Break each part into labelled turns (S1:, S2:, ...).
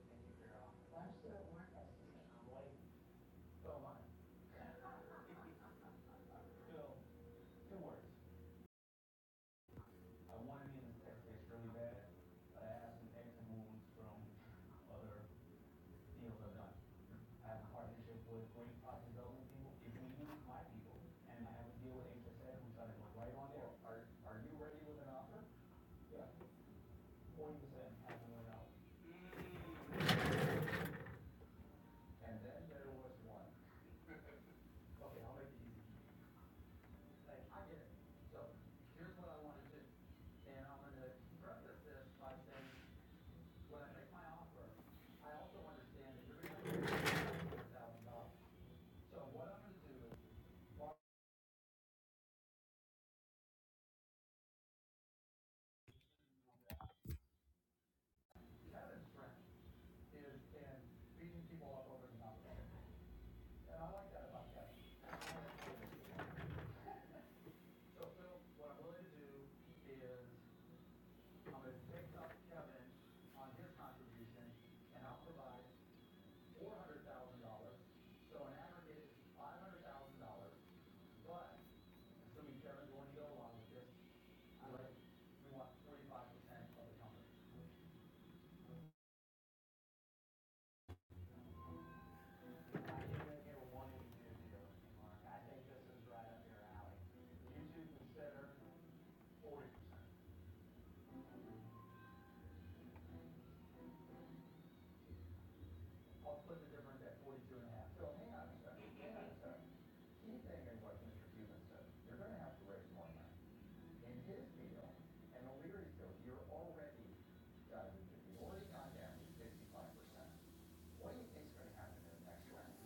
S1: Why should it work? i I. Still, it works. in the tech really bad, but I have some exit wounds from other deals I've done. I have a partnership with great product development people, if we use my people, and I have a deal with HSN, which I went right on there. Are, are you ready with an offer? Yeah, forty percent, half a million And then there was one, Okay, I'll make it easy. say, I get it. So here's what I want to do. And I'm going to preface this by saying, when I make my offer, I also understand that you're going to have one hundred thousand dollars. So what I'm going to do is, walk- Kevin's strength is in beating people up over the mouth. And I like that about Kevin. So Phil, what I'm willing to do is, I'm going to pick up Kevin on his contribution, and I'll provide four hundred thousand dollars, so an aggregate is five hundred thousand dollars. But, assuming Kevin's going to go along with this, I like, we want forty-five percent of the company. I didn't hear one of you do Mark. I think this is right up your alley. You two consider forty percent. I'll split the difference at forty-two and a half. So hang on a second, hang on a second. He's thinking what Mr. Cuban said, you're gonna have to raise more money. In his deal, and O'Leary's deal, you're already, uh, you've already gone down to fifty-five percent. What do you think's gonna happen in the next round?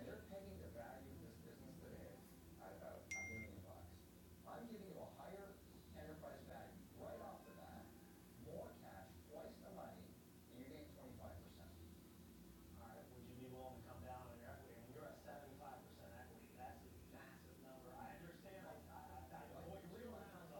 S1: And they're pegging the value of this business today at about a million bucks. I'm giving you a higher enterprise value right off the bat, more cash, twice that right, would you be willing to come down on your equity? And you're at seventy-five percent equity, that's a massive number. I understand, like, I, I, I, like what you are realize is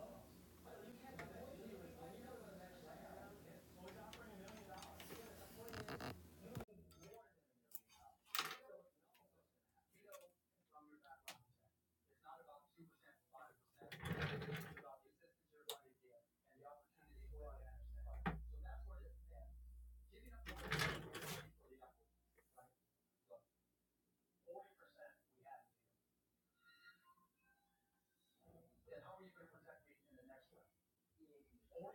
S1: we're in the next one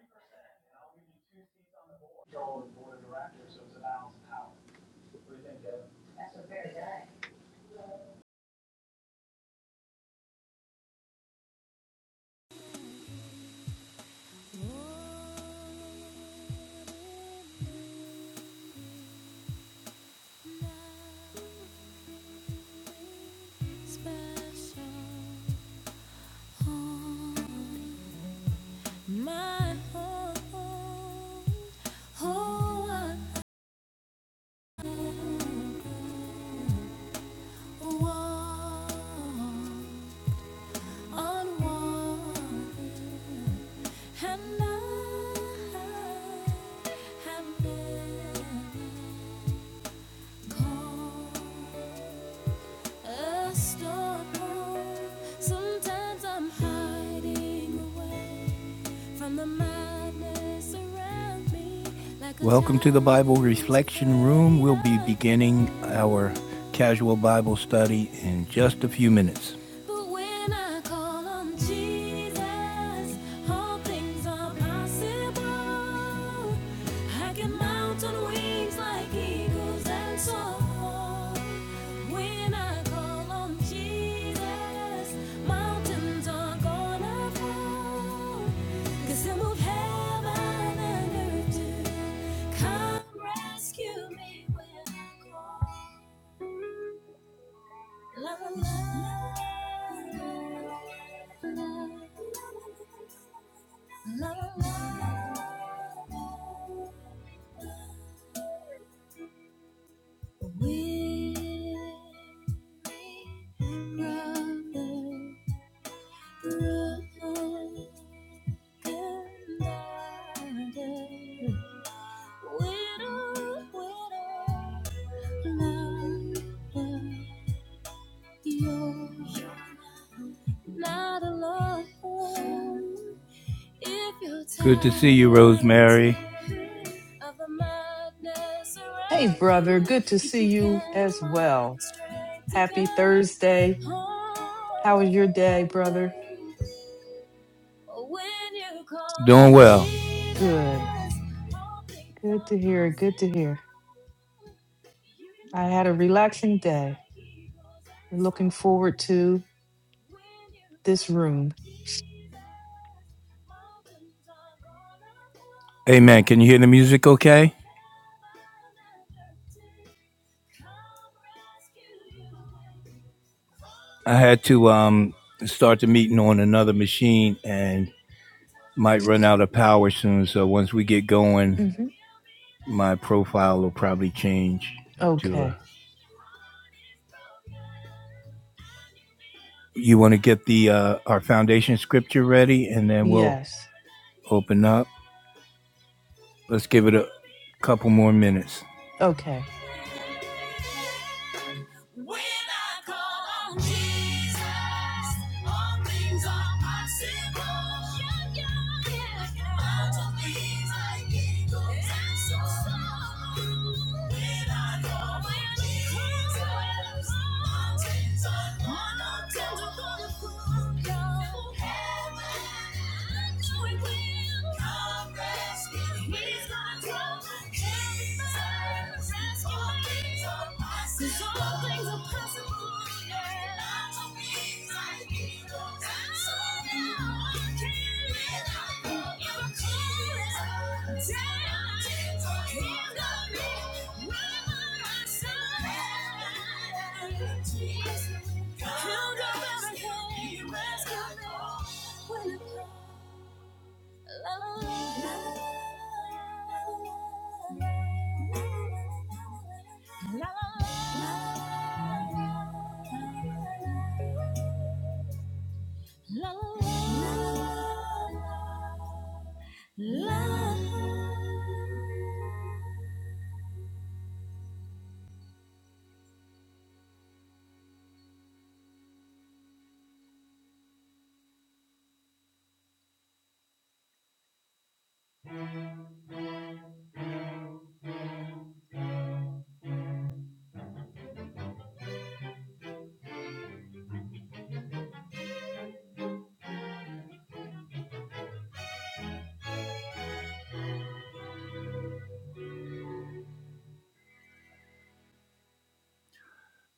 S1: percent, and I'll give you two seats on the board. Control the board of directors, so it's a balance of power. What do you think, Devin? That's a very, good.
S2: Welcome to the Bible Reflection Room. We'll be beginning our casual Bible study in just a few minutes. Good to see you, Rosemary.
S3: Hey, brother. Good to see you as well. Happy Thursday. How was your day, brother?
S2: Doing well.
S3: Good. Good to hear. Good to hear. I had a relaxing day. Looking forward to this room.
S2: Amen. Can you hear the music okay? I had to um start the meeting on another machine and might run out of power soon. So once we get going,
S3: hmm
S2: my profile will probably change to a
S3: Okay.
S2: you want to get the uh, our foundation scripture ready and then we'll
S3: Yes.
S2: open up. Let's give it a couple more minutes.
S3: Okay.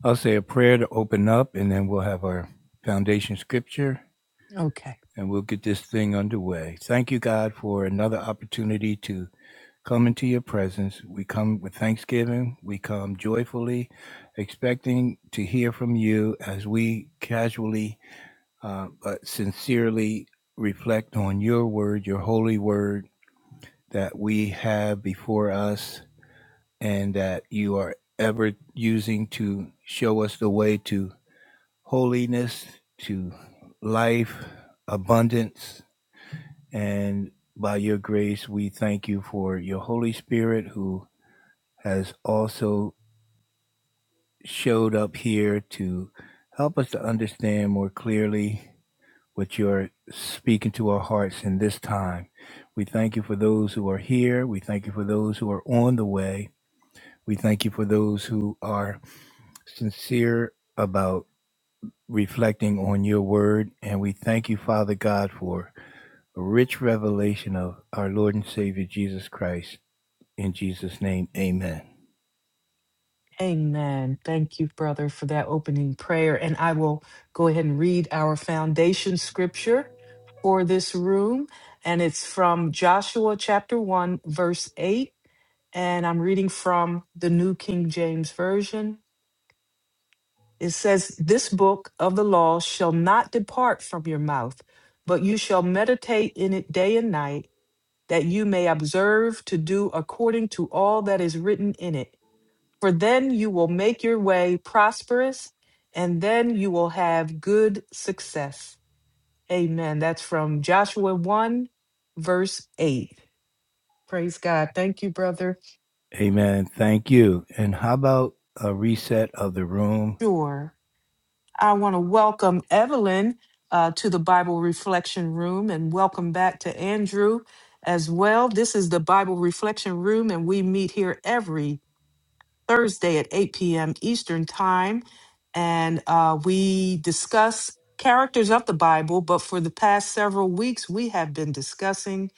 S2: I'll say a prayer to open up, and then we'll have our foundation scripture
S3: Okay.
S2: and we'll get this thing underway. Thank you, God, for another opportunity to come into your presence. We come with thanksgiving, we come joyfully, expecting to hear from you as we casually uh, but sincerely reflect on your word, your holy word that we have before us and that you are ever using to show us the way to holiness, to life, abundance. And by your grace, we thank you for your Holy Spirit who has also showed up here to help us to understand more clearly what you're speaking to our hearts in this time. We thank you for those who are here. We thank you for those who are on the way. We thank you for those who are sincere about reflecting on your word. And we thank you, Father God, for a rich revelation of our Lord and Savior Jesus Christ. In Jesus' name, amen.
S3: Amen. Thank you, brother, for that opening prayer. And I will go ahead and read our foundation scripture for this room. And it's from Joshua chapter 1, verse 8. And I'm reading from the New King James Version. It says, This book of the law shall not depart from your mouth, but you shall meditate in it day and night, that you may observe to do according to all that is written in it for then you will make your way prosperous, and then you will have good success. Amen. That's from Joshua 1, verse 8. Praise God. Thank you, brother.
S2: Amen. Thank you. And how about a reset of the room?
S3: Sure. I want to welcome Evelyn uh, to the Bible Reflection Room and welcome back to Andrew as well. This is the Bible Reflection Room, and we meet here every Thursday at 8 p.m. Eastern Time. And uh, we discuss characters of the Bible, but for the past several weeks, we have been discussing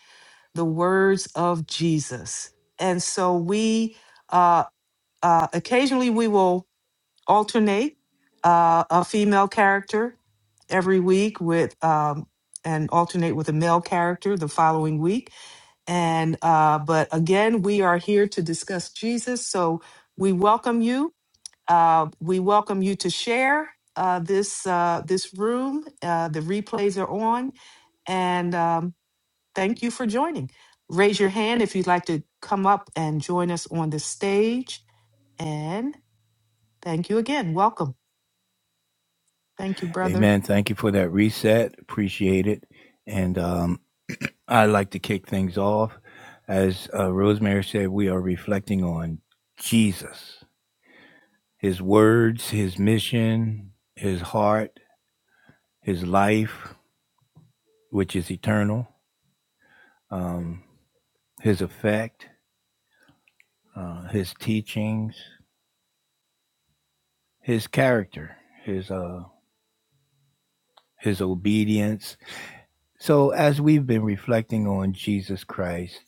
S3: the words of Jesus. And so we uh, uh, occasionally we will alternate uh, a female character every week with um, and alternate with a male character the following week. And uh, but again, we are here to discuss Jesus. So we welcome you uh, we welcome you to share uh, this uh, this room. Uh, the replays are on, and um, thank you for joining. Raise your hand if you'd like to come up and join us on the stage. And thank you again. Welcome. Thank you, brother.
S2: Amen. Thank you for that reset. Appreciate it. And um, I'd like to kick things off. As uh, Rosemary said, we are reflecting on Jesus, his words, his mission, his heart his life, which is eternal, um, his effect, uh, his teachings, his character, his uh, his obedience. So as we've been reflecting on Jesus Christ,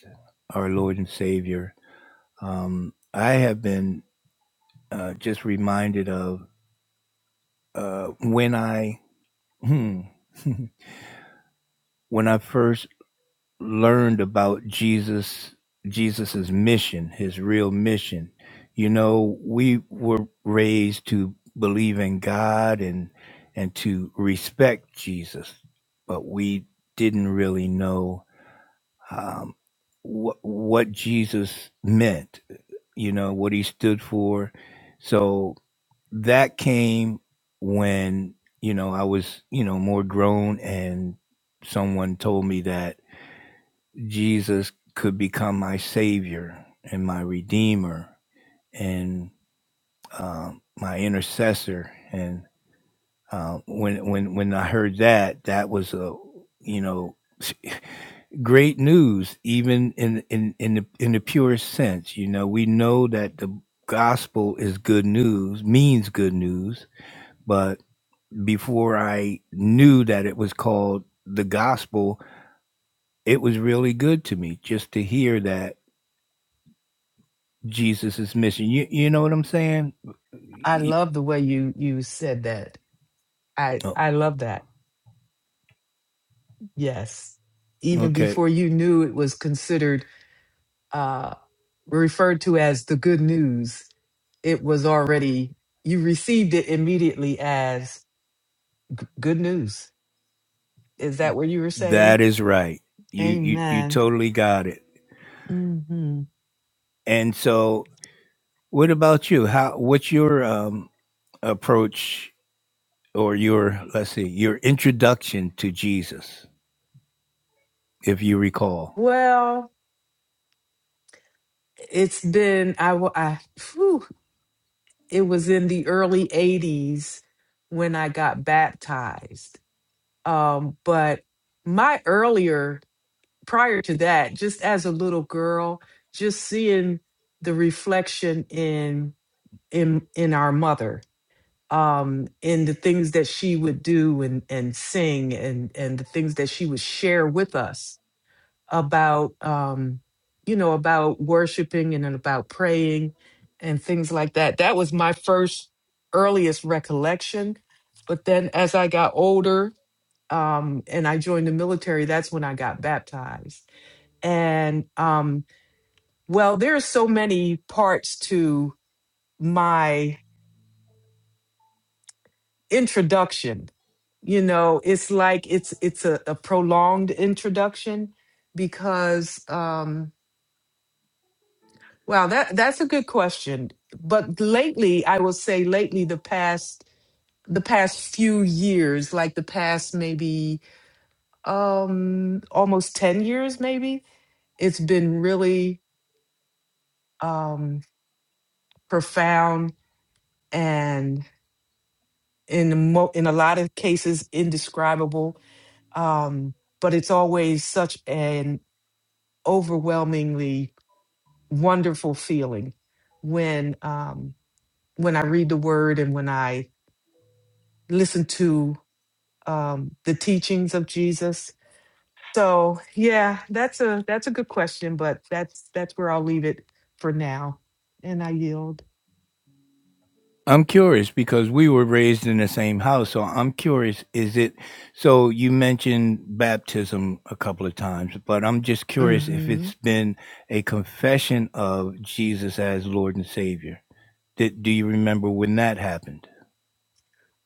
S2: our Lord and Savior, um, I have been uh, just reminded of uh, when I hmm, when I first learned about Jesus, Jesus's mission, his real mission. You know, we were raised to believe in God and and to respect Jesus, but we didn't really know um, what what Jesus meant. You know what he stood for. So that came when you know I was you know more grown, and someone told me that Jesus could become my savior and my redeemer and uh, my intercessor. And uh, when when when I heard that, that was a you know great news, even in in in the in the purest sense. You know, we know that the gospel is good news, means good news. But before I knew that it was called the gospel, it was really good to me just to hear that Jesus's mission. You you know what I'm saying?
S3: I
S2: Y-
S3: love the way you you said that. I
S2: oh,
S3: I love that. Yes. Even
S2: okay,
S3: before you knew it was considered uh, referred to as the good news, it was already, you received it immediately as good news. Is that what you were saying?
S2: that is right. You you you
S3: Amen.
S2: totally got it.
S3: hmm
S2: And so, what about you? How what's your um approach or your let's see your introduction to Jesus, if you recall?
S3: Well, it's been, I, wa- I whew, it was in the early 80s when I got baptized. Um, but my earlier, prior to that, just as a little girl, just seeing the reflection in in in our mother um in the things that she would do and and sing and and the things that she would share with us about um you know about worshiping and then about praying and things like that that was my first earliest recollection but then as i got older um and i joined the military that's when i got baptized and um well there are so many parts to my. introduction you know it's like it's it's a, a prolonged introduction because um wow that that's a good question but lately i will say lately the past the past few years like the past maybe um almost 10 years maybe it's been really um profound and in mo- in a lot of cases indescribable um but it's always such an overwhelmingly wonderful feeling when um, when I read the Word and when I listen to um, the teachings of Jesus. So yeah, that's a that's a good question, but that's that's where I'll leave it for now, and I yield.
S2: I'm curious because we were raised in the same house. So I'm curious, is it so you mentioned baptism a couple of times, but I'm just curious if
S3: hmm
S2: it's been a confession of Jesus as Lord and Savior. Did, do you remember when that happened?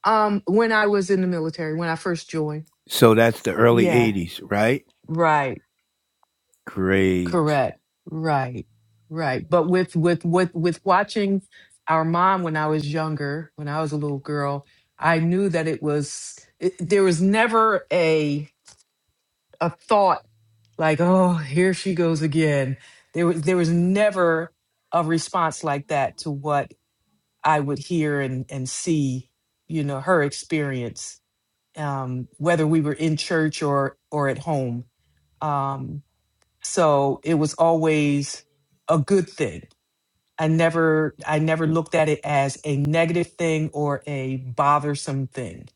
S3: Um, when I was in the military, when I first joined,
S2: So that's the early
S3: yeah,
S2: 80s, right?
S3: right.
S2: Great.
S3: Correct. Right. Right. But with with with with watching our mom when I was younger, when I was a little girl, I knew that it was it, there was never a a thought like, "Oh, here she goes again." There was there was never a response like that to what I would hear and and see, you know, her experience um whether we were in church or or at home Um, so it was always a good thing. I never I never looked at it as a negative thing or a bothersome thing.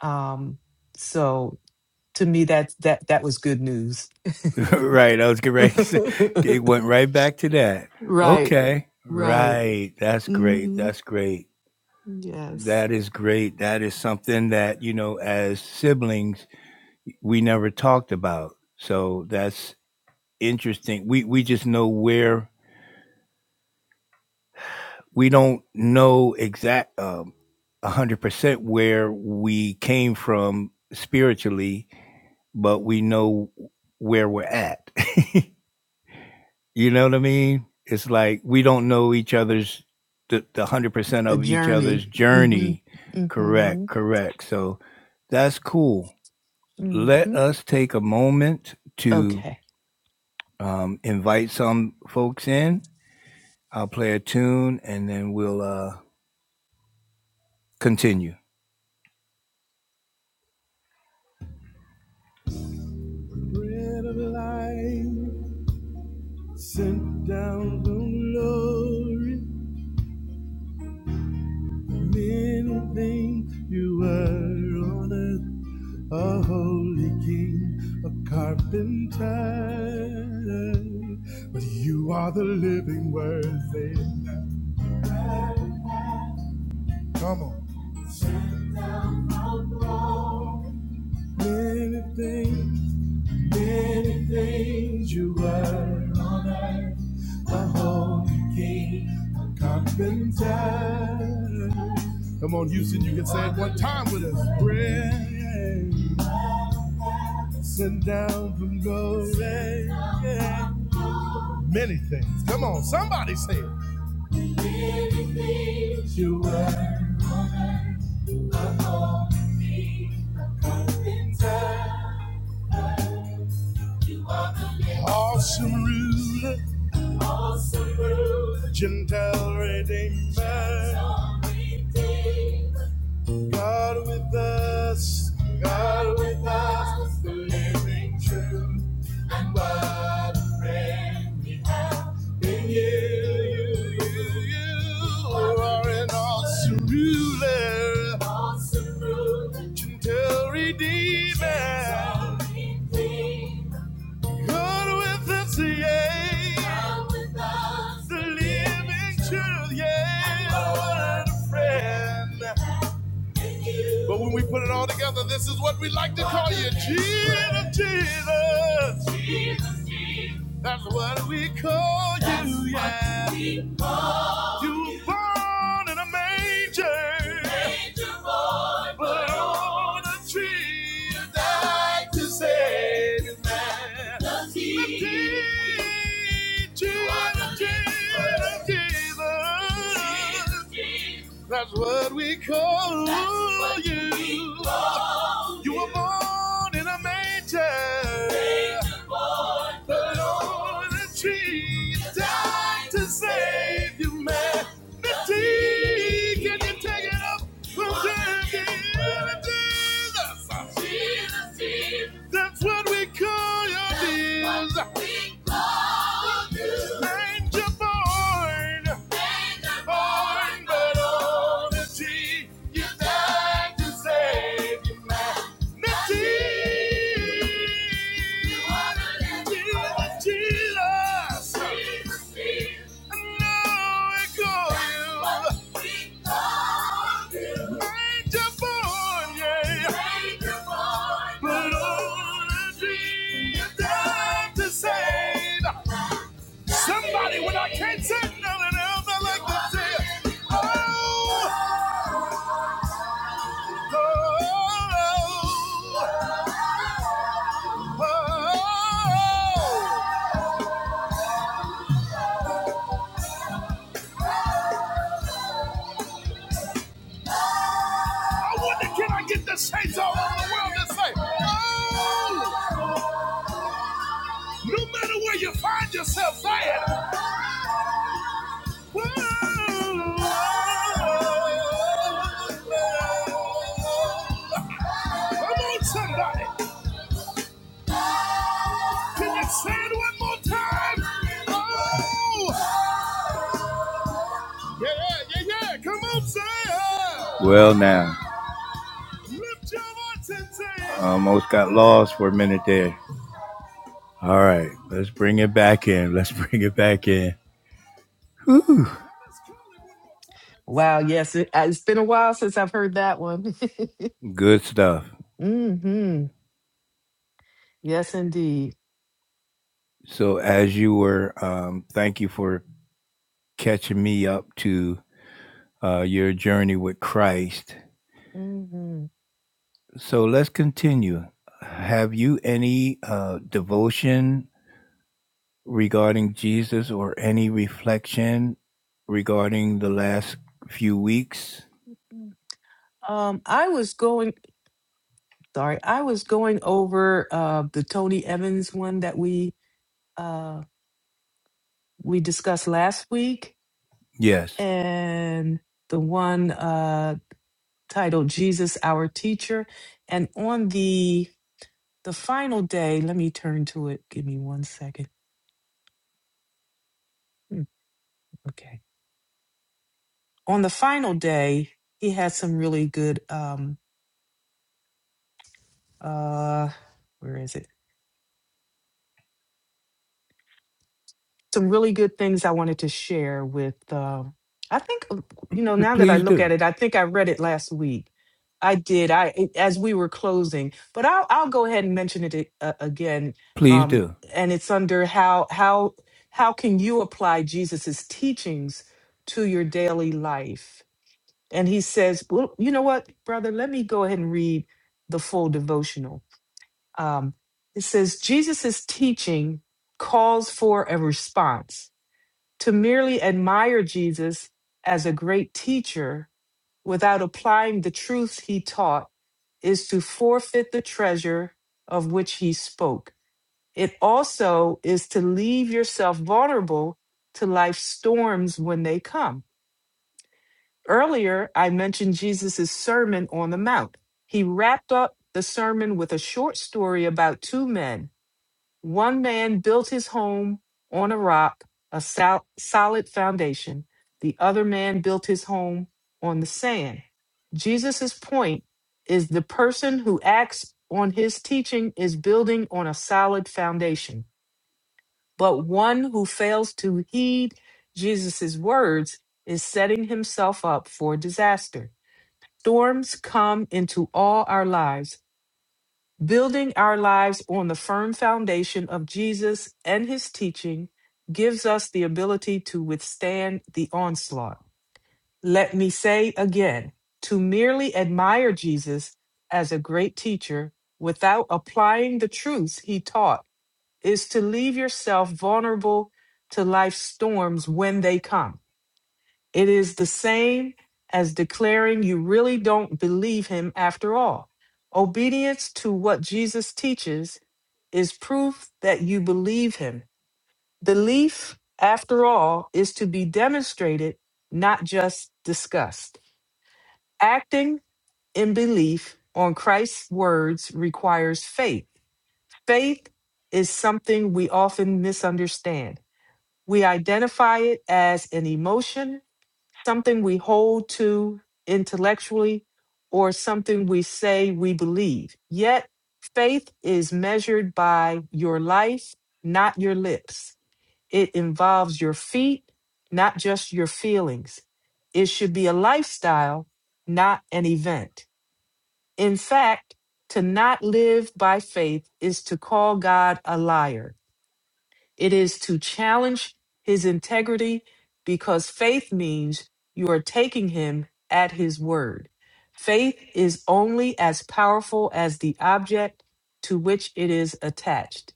S3: Um, so to me that that that was good news.
S2: right. I was getting ready to say, it went right back to that.
S3: right.
S2: Okay.
S3: Right.
S2: Right. That's great.
S3: hmm
S2: That's great.
S3: Yes.
S2: That is great. That is something that, you know, as siblings, we never talked about. So that's interesting. We we just know where we don't know exact um, 100% where we came from spiritually, but we know where we're at. you know what I mean? It's like we don't know each other's the, the 100%
S3: The
S2: of each
S3: journey.
S2: other's
S3: hmm
S2: journey.
S3: hmm
S2: Correct, correct. So that's cool. let
S3: hmm
S2: us take a moment to
S3: Okay.
S2: um, invite some folks in. I'll play a tune and then we'll uh, continue. Bread of life sent down from glory. Many things you were on earth, a holy king, a carpenter. But you are the living word. Come on. Many things Many things you were on earth, the Holy King, the Carpenter. Come on, Houston, you can say it one time with us. Bread sent down from glory. yeah. Many things. Come on, somebody say it. You were awesome ruler, gentle redeemer, God with us, God with true. You, you, you and awesome ruler, legendary demon, God with us, yeah, living truth, yeah, a friend. But when we put it all together, this is what we like to call you, Jesus, Jesus. That's what we call you, yeah. You were born in a manger, but on a tree to save Jesus. Jesus, that's what we call you. Born in a manger, the Lord and Jesus, to save you, humanity. Get up, Jesus, that's what we call you. Angel born, Jesus, to save humanity. Jesus, Now I call you angel born, yeah. Only you died to save. Some said nothing else. I like, oh, oh, oh, oh. I wonder can I get the saints all over the world to say, oh, no matter where you find yourself, say it. Come on, somebody. Can you say it one more time? Oh, yeah, yeah, yeah. Come on, say it. Well, now. Lift your voice and say it. Almost got lost for a minute there. All right, let's bring it back in. Let's bring it back in. Whew.
S3: Wow. Yes. It, it's been a while since I've heard that one.
S2: Good stuff.
S3: hmm Yes, indeed.
S2: So, as you were, um, thank you for catching me up to uh, your journey with Christ.
S3: hmm
S2: So let's continue. Have you any uh, devotion regarding Jesus or any reflection regarding the last few weeks?
S3: Um, I was going, sorry, I was going over uh, the Tony Evans one that we uh, we discussed last week,
S2: Yes.
S3: and the one uh, titled "Jesus, Our Teacher." And on the the final day, let me turn to it. Give me one second. Hmm, Okay. On the final day, he had some really good. Um, uh, where is it? some really good things I wanted to share with. Uh, I think uh, you know now that I
S2: Please
S3: look at
S2: do.
S3: it, I think I read it last week. I did. I it- as we were closing, but I'll I'll go ahead and mention it a- uh, again.
S2: Please
S3: Um,
S2: do.
S3: and it's under how how how can you apply Jesus's teachings to your daily life? And he says, well, you know what, brother, let me go ahead and read the full devotional. Um, it says Jesus's teaching calls for a response to merely admire Jesus as a great teacher without applying the truths he taught is to forfeit the treasure of which he spoke. It also is to leave yourself vulnerable to life's storms when they come. Earlier, I mentioned Jesus' Sermon on the Mount. He wrapped up the sermon with a short story about two men one man built his home on a rock, a sol- solid foundation. The other man built his home on the sand. Jesus' point is the person who acts on his teaching is building on a solid foundation, but one who fails to heed Jesus' words is setting himself up for disaster. Storms come into all our lives Building our lives on the firm foundation of Jesus and his teaching gives us the ability to withstand the onslaught. Let me say again to merely admire Jesus as a great teacher without applying the truths he taught is to leave yourself vulnerable to life's storms when they come. It is the same as declaring you really don't believe him after all. Obedience to what Jesus teaches is proof that you believe him. Belief, after all, is to be demonstrated, not just discussed. Acting in belief on Christ's words requires faith. Faith is something we often misunderstand. We identify it as an emotion something we hold to intellectually or something we say we believe. Yet, faith is measured by your life, not your lips. It involves your feet, not just your feelings. It should be a lifestyle, not an event. In fact, to not live by faith is to call God a liar it is to challenge his integrity because faith means you are taking him at his word. Faith is only as powerful as the object to which it is attached.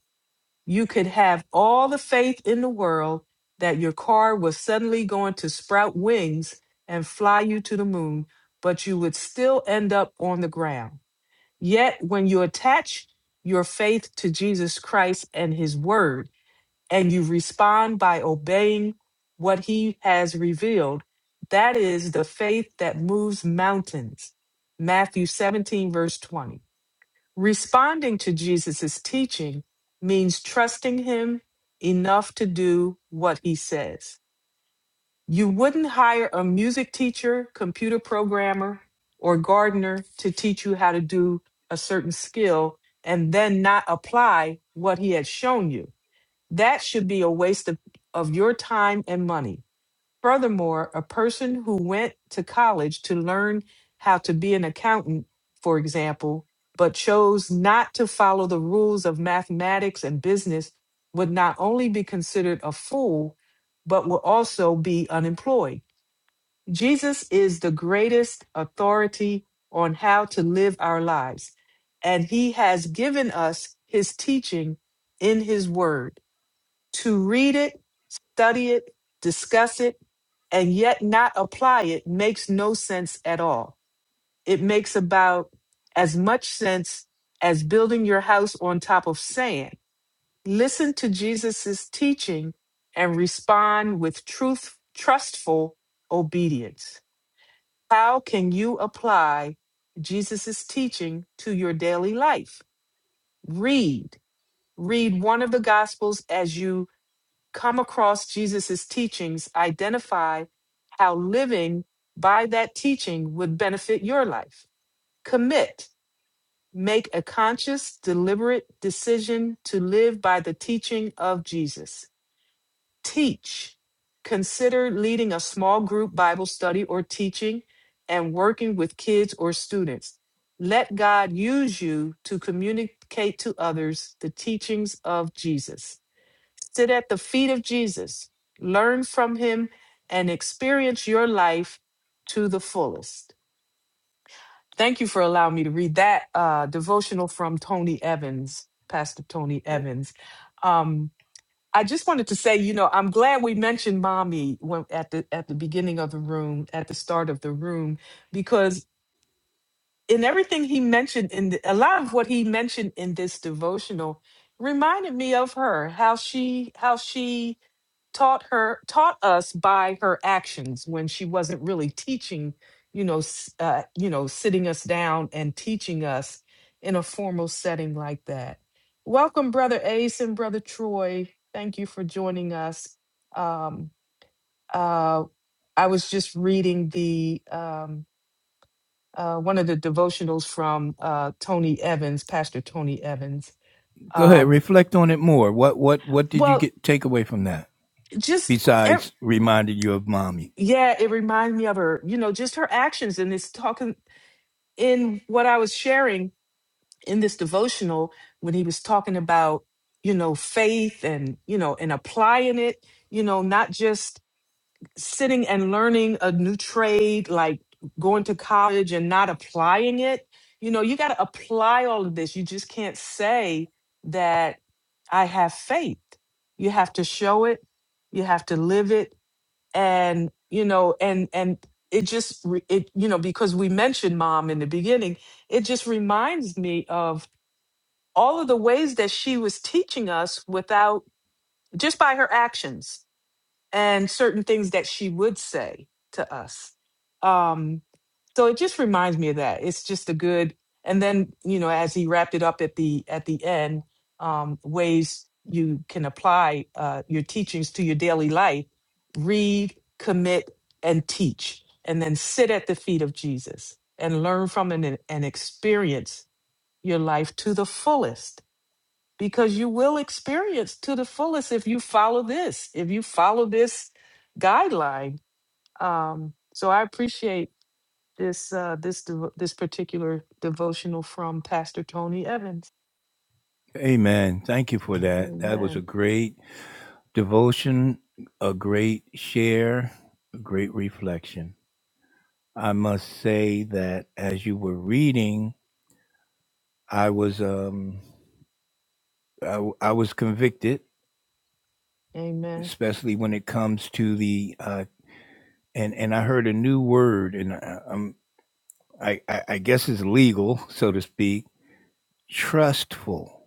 S3: You could have all the faith in the world that your car was suddenly going to sprout wings and fly you to the moon, but you would still end up on the ground. Yet, when you attach your faith to Jesus Christ and his word, and you respond by obeying what he has revealed. That is the faith that moves mountains. Matthew 17, verse 20. Responding to Jesus' teaching means trusting him enough to do what he says. You wouldn't hire a music teacher, computer programmer, or gardener to teach you how to do a certain skill and then not apply what he had shown you that should be a waste of, of your time and money. Furthermore, a person who went to college to learn how to be an accountant, for example, but chose not to follow the rules of mathematics and business would not only be considered a fool, but will also be unemployed. Jesus is the greatest authority on how to live our lives, and he has given us his teaching in his word. To read it, study it, discuss it, and yet not apply it makes no sense at all. It makes about as much sense as building your house on top of sand. Listen to Jesus' teaching and respond with truth, trustful obedience. How can you apply Jesus' teaching to your daily life? Read. Read one of the Gospels as you come across Jesus' teachings, identify how living by that teaching would benefit your life. Commit, make a conscious, deliberate decision to live by the teaching of Jesus. Teach, consider leading a small group Bible study or teaching and working with kids or students. Let God use you to communicate to others the teachings of Jesus Sit at the feet of Jesus, learn from him, and experience your life to the fullest. Thank you for allowing me to read that uh, devotional from Tony Evans, Pastor Tony Evans. Um, I just wanted to say, you know, I'm glad we mentioned mommy when, at the at the beginning of the room, at the start of the room, because in everything he mentioned, in the, a lot of what he mentioned in this devotional, reminded me of her, how she, how she taught her taught us by her actions when she wasn't really teaching you know s- uh, you know sitting us down and teaching us in a formal setting like that welcome brother ace and brother troy thank you for joining us um uh i was just reading the um uh, one of the devotionals from uh, Tony Evans, Pastor Tony Evans.
S2: Go ahead.
S3: Um,
S2: Reflect on it more. What what what did you
S3: well,
S2: get take away from that?
S3: just e,
S2: Besides reminded you of mommy.
S3: yeah, it reminds me of her, you know, just her actions in this talking in what I was sharing in this devotional when he was talking about, you know, faith and, you know, and applying it, you know, not just sitting and learning a new trade like going to college and not applying it. You know, you got to apply all of this. You just can't say that I have faith. You have to show it, you have to live it and you know and and it just re- it you know because we mentioned mom in the beginning it just reminds me of all of the ways that she was teaching us without just by her actions and certain things that she would say to us. Um, so it just reminds me of that. It's just a good. And then you know, as he wrapped it up at the at the end, um, ways you can apply uh, your teachings to your daily life: read, commit, and teach, and then sit at the feet of Jesus and learn from him and, and experience your life to the fullest because you will experience to the fullest if you follow this, if you follow this guideline. Um, so I appreciate this uh, this devo this particular devotional from Pastor Tony Evans.
S2: Amen. Thank you for that. That was a
S3: Amen.
S2: great Devotion, a great share, a great reflection. I must say that as you were reading, I was um I, w- I was convicted,
S3: Amen.
S2: especially when it comes to the uh and and I heard a new word, and I, I'm I I I guess it's legal, so to speak. Trustful.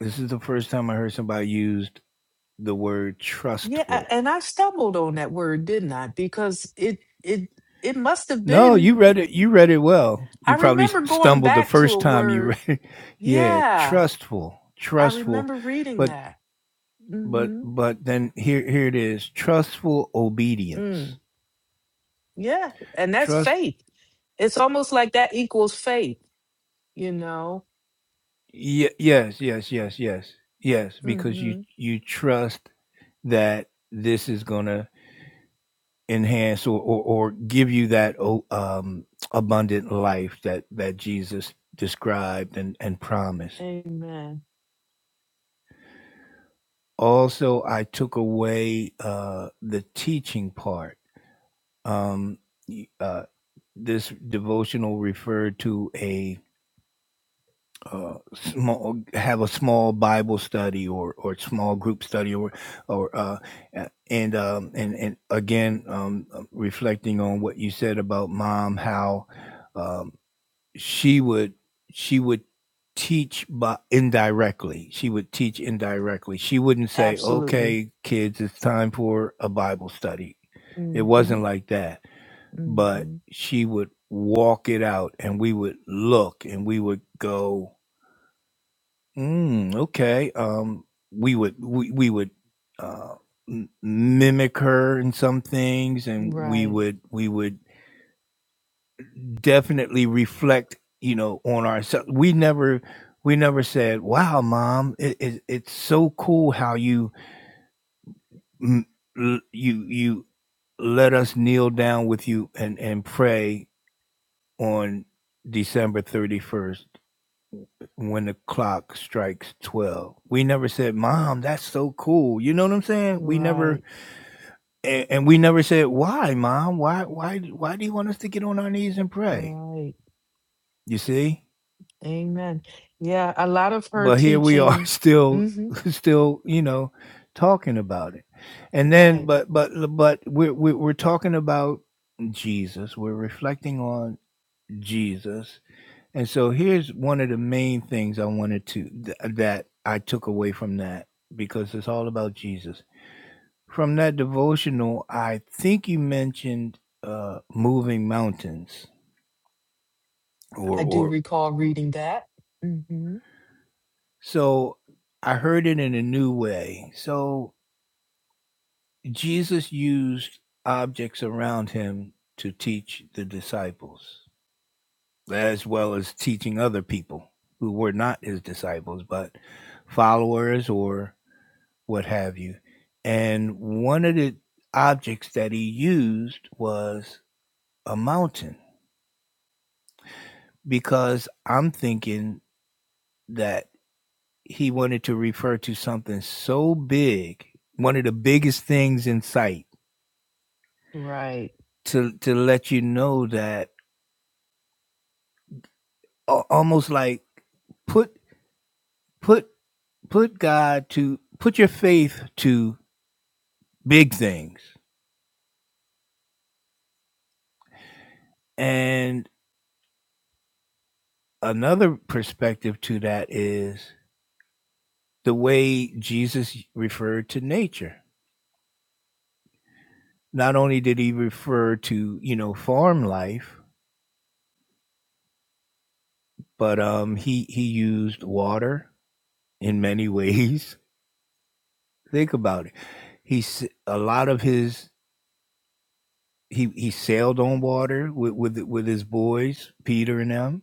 S2: This is the first time I heard somebody used the word
S3: Yeah, a-
S2: trustful
S3: and I stumbled on that word, didn't I? Because it it it must have
S2: No,
S3: been.
S2: you read it. You read it well.
S3: I
S2: You probably
S3: remember going
S2: stumbled the
S3: back to
S2: first
S3: a
S2: time you read
S3: word.
S2: it. Yeah,
S3: Yeah,
S2: trustful,
S3: I
S2: trustful,
S3: remember reading
S2: but
S3: that.
S2: but
S3: hmm
S2: but then here here it is. Trustful obedience.
S3: Mm, yeah, and that's
S2: Trust.
S3: faith It's almost like that equals faith, you know?
S2: Ye- yes, yes, yes, yes, yes. Because you
S3: hmm
S2: you trust that this is gonna enhance or or, or give you that o- um abundant life that that Jesus described and and promised
S3: Amen.
S2: also i took away uh the teaching part um uh this devotional referred to a uh, small have a small bible study or or small group study or or uh and um and and again um reflecting on what you said about mom how um, she would she would teach by indirectly she would teach indirectly she wouldn't say
S3: Absolutely.
S2: okay kids it's time for a bible study it
S3: hmm
S2: wasn't like that but
S3: hmm
S2: she would walk it out and we would look and we would go mm, okay um we would we, we would uh m- mimic her in some things and we
S3: Right.
S2: would we would definitely reflect, you know, on ourselves. We never, we never said, "Wow, mom, it, it, it's so cool how you, mm, l- you, you let us kneel down with you and and pray on December thirty first when the clock strikes twelve." We never said, "Mom, that's so cool." You know what I'm saying? We never,
S3: Right.
S2: and, and we never said, "Why, mom? Why, why, why do you want us to get on our knees and pray?"
S3: Right.
S2: You see?
S3: Amen. Yeah, a lot of her
S2: but here we are
S3: teaching.
S2: still
S3: hmm
S2: still you know talking about it and then
S3: Right.
S2: but but but we're we're, we're talking about jesus we're reflecting on jesus and so here's one of the main things i wanted to th- that i took away from that because it's all about jesus from that devotional i think you mentioned uh moving mountains or
S3: I do
S2: or
S3: recall reading that. hmm
S2: so i heard it in a new way so Jesus used objects around him to teach the disciples, as well as teaching other people who were not his disciples, but followers or what have you. And one of the objects that he used was a mountain, because I'm thinking that he wanted to refer to something so big, one of the biggest things in sight,
S3: Right.
S2: to, to let you know that a- almost like put put put God to put your faith to big things. And another perspective to that is the way Jesus referred to nature. Not only did he refer to, you know, farm life, but um he he used water in many ways. Think about it. He a lot of his he he sailed on water with with with his boys, Peter and them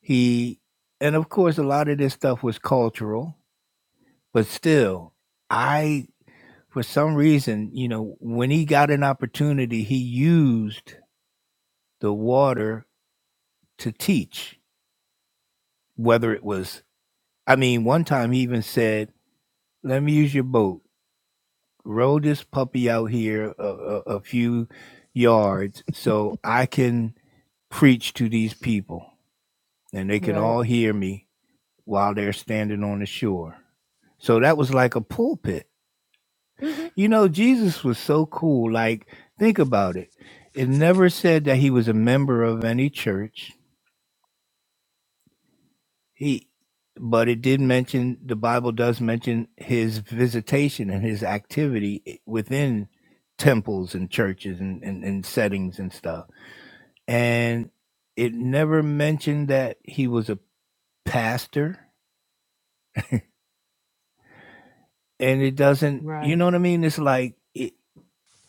S2: He and of course a lot of this stuff was cultural, but still I for some reason, you know, when he got an opportunity, he used the water to teach, whether it was I mean, one time he even said, "Let me use your boat. Row this puppy out here a, a, a few yards so I can preach to these people and they can
S3: Right.
S2: all hear me while they're standing on the shore." So that was like a pulpit
S3: hmm
S2: You know, Jesus was so cool. Like, think about it. It never said that he was a member of any church. He, but it did mention the Bible does mention his visitation and his activity within temples and churches and, and, and settings and stuff. And it never mentioned that he was a pastor. And it doesn't, you
S3: Right.
S2: know what I mean? It's like it,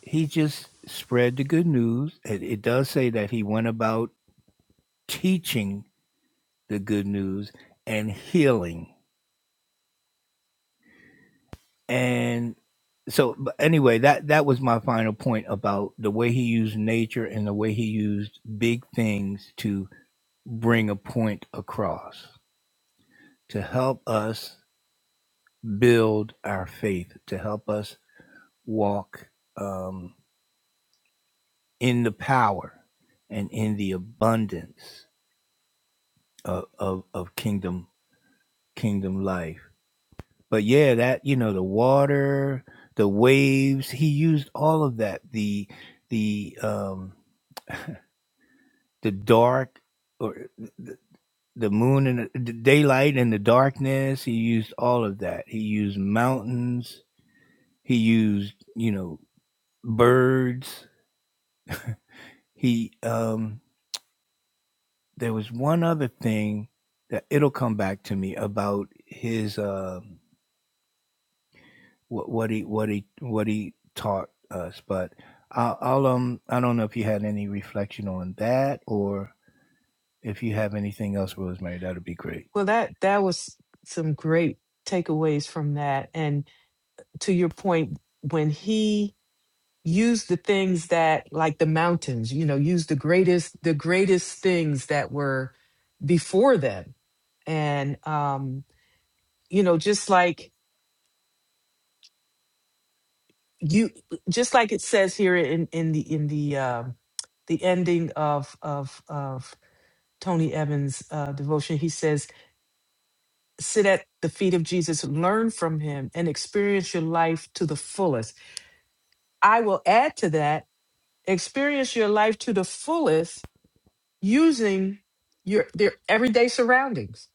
S2: he just spread the good news. It, it does say that he went about teaching the good news and healing. And so but anyway, that that was my final point about the way he used nature and the way he used big things to bring a point across to help us build our faith, to help us walk um, in the power and in the abundance of, of, of kingdom kingdom life but yeah, that you know the water, the waves. He used all of that. The the um the dark or the, the moon and the, the daylight and the darkness. He used all of that. He used mountains. He used you know birds. He um there was one other thing that it'll come back to me about his. um what, what he what he what he taught us. But I'll, I'll um I don't know if you had any reflection on that or if you have anything else, Rosemary. That would be great.
S3: Well, that that was some great takeaways from that. And to your point, when he use the things that like the mountains you know use the greatest the greatest things that were before them and um you know just like you just like it says here in in the in the um the ending of of of tony evans uh devotion he says sit at the feet of jesus learn from him and experience your life to the fullest i will add to that experience your life to the fullest using your their everyday surroundings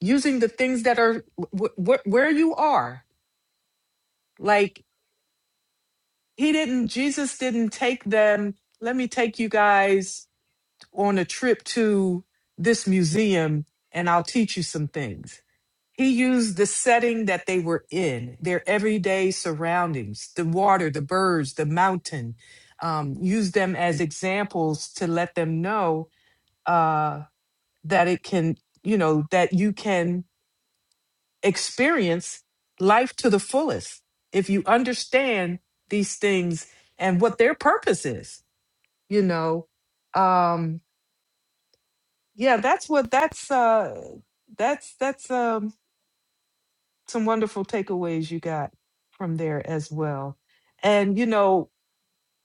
S3: using the things that are wh- wh- where you are like he didn't jesus didn't take them let me take you guys on a trip to this museum and i'll teach you some things he used the setting that they were in their everyday surroundings the water the birds the mountain um, used them as examples to let them know uh, that it can, you know, that you can experience life to the fullest if you understand these things and what their purpose is, you know. Um yeah, that's what that's uh that's that's um some wonderful takeaways you got from there as well. And you know,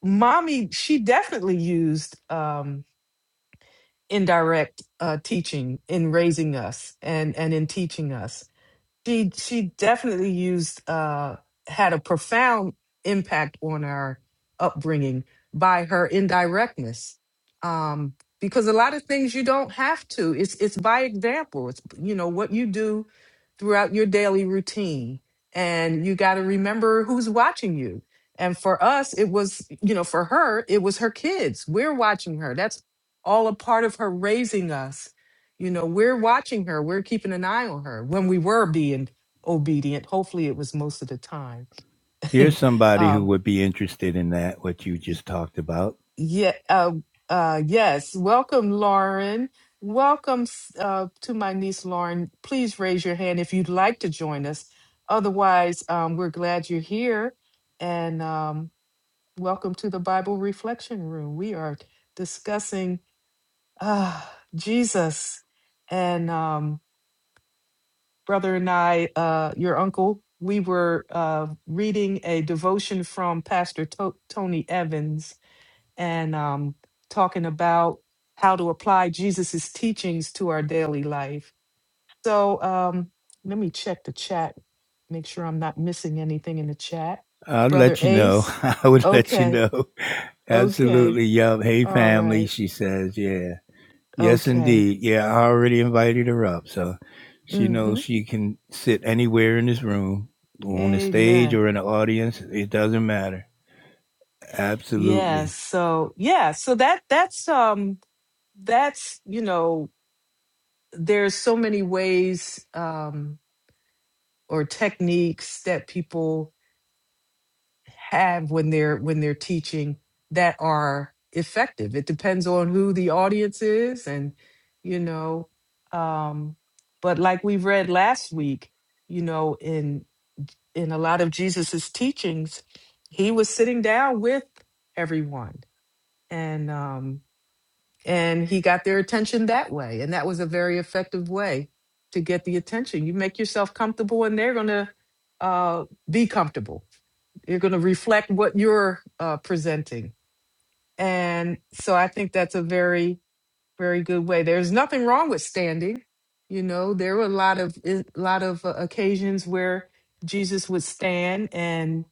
S3: mommy she definitely used um indirect uh teaching in raising us and and in teaching us she she definitely used uh had a profound impact on our upbringing by her indirectness um because a lot of things you don't have to it's it's by example it's you know what you do throughout your daily routine and you got to remember who's watching you and for us it was you know for her it was her kids we're watching her that's all a part of her raising us you know, we're watching her, we're keeping an eye on her when we were being obedient. Hopefully, it was most of the time.
S2: Here's somebody who
S3: um,
S2: would be interested in that what you just talked about.
S3: yeah, uh, uh, yes. Welcome, Lauren. Welcome s- uh, to my niece, Lauren. Please raise your hand if you'd like to join us. Otherwise, um, we're glad you're here. And um, welcome to the Bible Reflection Room. We are discussing uh, Jesus. And Um, brother and I, uh, your uncle, we were uh, reading a devotion from Pastor to- Tony Evans and um, talking about how to apply Jesus's teachings to our daily life. So um, let me check the chat, make sure I'm not missing anything in the chat.
S2: I'll
S3: Brother
S2: let you know.
S3: Ace,
S2: I would let you
S3: okay,
S2: know.
S3: okay,
S2: Absolutely. Yup. Hey,
S3: all
S2: family.
S3: right,
S2: She says, yeah. Yes,
S3: okay.
S2: indeed. Yeah, I already invited her up. So she knows
S3: Mm-hmm.
S2: she can sit anywhere in this room, on the stage
S3: Amen.
S2: or in the audience. It doesn't matter. Absolutely.
S3: Yes. so yeah, so that that's um that's you know there's so many ways um or techniques that people have when they're when they're teaching that are effective it depends on who the audience is and you know um but like we read last week you know in in a lot of jesus's teachings he was sitting down with everyone and um, and he got their attention that way and that was a very effective way to get the attention you make yourself comfortable and they're going to uh, be comfortable you're going to reflect what you're uh, presenting and so i think that's a very very good way there's nothing wrong with standing you know there were a lot of a lot of uh, occasions where jesus would stand and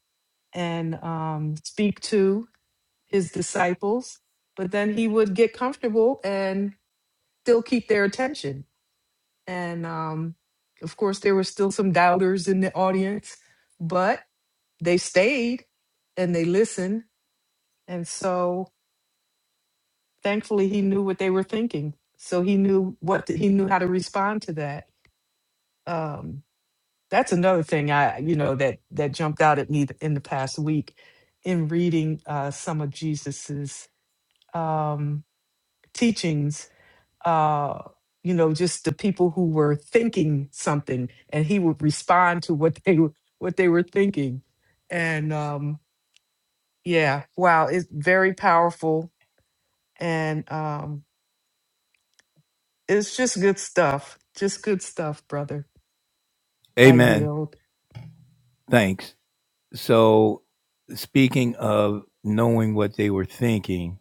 S3: and um, speak to his disciples but then he would get comfortable and still keep their attention. And um, of course, there were still some doubters in the audience, but they stayed and they listened. And so thankfully, he knew what they were thinking. So he knew what he knew how to respond to that. Um, that's another thing I, you know, that that jumped out at me in the past week in reading uh, some of Jesus's um, teachings uh, you know, just the people who were thinking something, and he would respond to what they were what they were thinking. And um, yeah, wow, it's very powerful, and um, it's just good stuff. Just good stuff, brother. I
S2: Amen.
S3: yield.
S2: Thanks. So, speaking of knowing what they were thinking,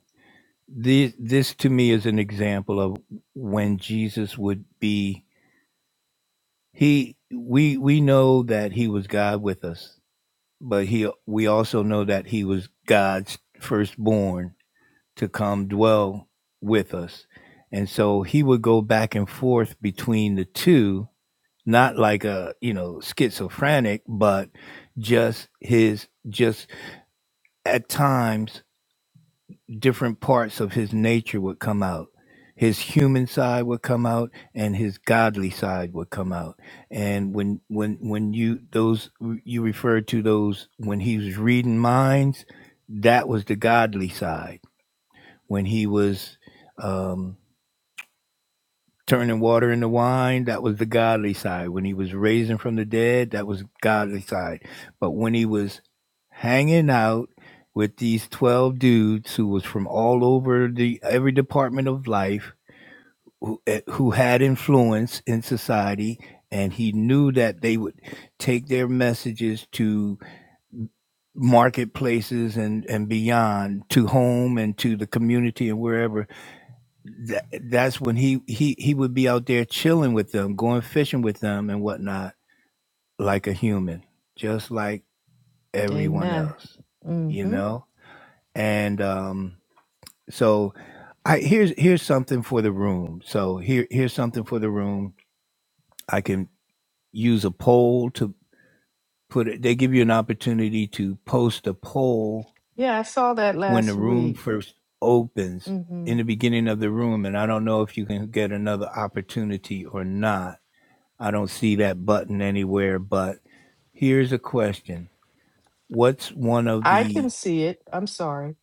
S2: this, this to me is an example of when Jesus would be he we we know that he was God with us, but he we also know that he was God's firstborn to come dwell with us. And so he would go back and forth between the two not like a you know schizophrenic but just his just at times different parts of his nature would come out his human side would come out and his godly side would come out and when when when you those you referred to those when he was reading minds that was the godly side when he was um turning water into wine, that was the godly side. When he was raising from the dead, that was godly side. But when he was hanging out with these 12 dudes who was from all over the every department of life who, eh, who had influence in society and he knew that they would take their messages to marketplaces and, and beyond to home and to the community and wherever that, that's when he he he would be out there chilling with them, going fishing with them and whatnot, like a human, just like everyone
S3: Amen.
S2: else, you
S3: hmm
S2: know. And um, so I here's here's something for the room. So here here's something for the room. I can use a poll to put it. They give you an opportunity to post a poll
S3: Yeah, I saw that
S2: when the
S3: last
S2: room
S3: week.
S2: first opens
S3: hmm
S2: in the beginning of the room, and I don't know if you can get another opportunity or not I don't see that button anywhere, but here's a question. What's one of
S3: I can
S2: the
S3: see it. I'm sorry.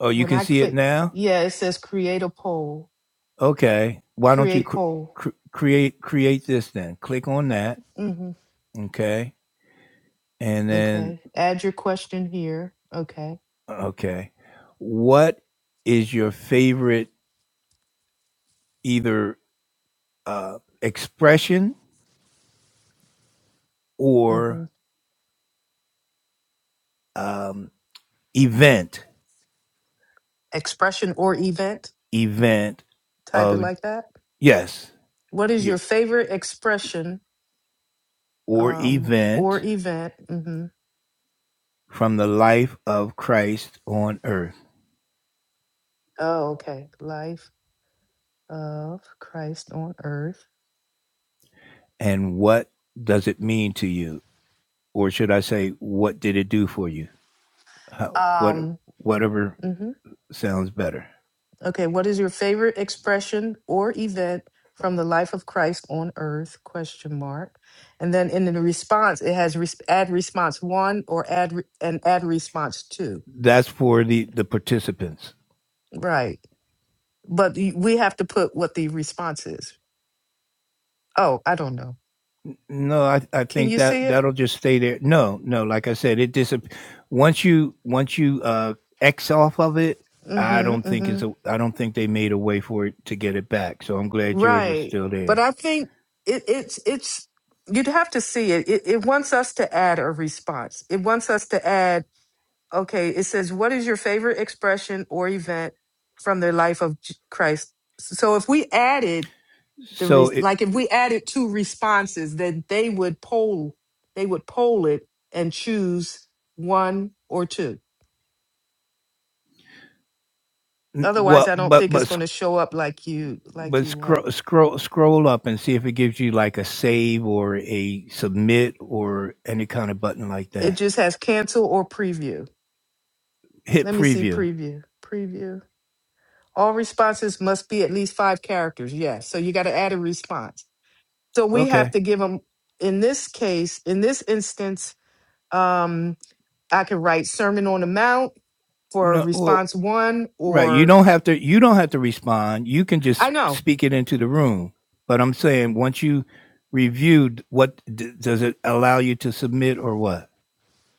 S2: Oh, you
S3: When
S2: can
S3: I
S2: see it
S3: click,
S2: now?
S3: yeah, it says create a poll.
S2: Okay. Why don't you
S3: Create
S2: cr-
S3: poll.
S2: cr- create create this then? Click on that, okay? And then
S3: Okay. Add your question here. Okay.
S2: okay. What is your favorite either uh expression
S3: hmm
S2: or um event
S3: Expression or event.
S2: event
S3: Type it
S2: of
S3: like that.
S2: yes,
S3: What is
S2: your
S3: your favorite expression
S2: or
S3: um, or
S2: event
S3: event? hmm
S2: from the life of Christ on earth?
S3: Oh, okay. Life of Christ on earth.
S2: And what does it mean to you? Or should I say, what did it do for you? How, what,
S3: Um,
S2: whatever
S3: hmm
S2: sounds better.
S3: Okay. What is your favorite expression or event from the life of Christ on earth? Question mark. And then in the response, it has res- add response one or add re- and add response two.
S2: That's for the, the participants.
S3: Right. But y- we have to put what the response is. Oh, I don't know.
S2: No, I, I
S3: Can
S2: think
S3: you see
S2: that
S3: it?
S2: that'll just stay there. No, no, like I said, it disappears once you once you uh X off of it, I don't
S3: Mm-hmm.
S2: think
S3: Mm-hmm.
S2: it's a I don't think they made a way for it to get it back. So I'm glad yours is
S3: Right.
S2: still
S3: But
S2: there.
S3: I think it, it's it's you'd have to see it. it. It wants us to add a response. It wants us to add. Okay. It says, "What is your favorite expression or event from the life of J- Christ?" So if we added the re-
S2: So it
S3: like if we added two responses, then they would poll they would poll it and choose one or two Otherwise,
S2: well,
S3: I don't
S2: but
S3: think it's
S2: but
S3: going to show up like you like
S2: But
S3: you want it.
S2: scroll scroll scroll up and see if it gives you like a save or a submit or any kind of button like
S3: It
S2: that.
S3: just has cancel or preview.
S2: Hit
S3: Let me see
S2: preview.
S3: preview. Preview. All responses must be at least five characters. Yes. So you got to add a response. So we have
S2: Okay.
S3: to give them. In this case, in this instance, um, I could write Sermon on the Mount for
S2: No well
S3: response one,
S2: right. You
S3: or
S2: don't have to you don't have to respond. You can
S3: I
S2: just
S3: know
S2: speak it into the room. But I'm saying once you reviewed what d- does it allow you to submit or what?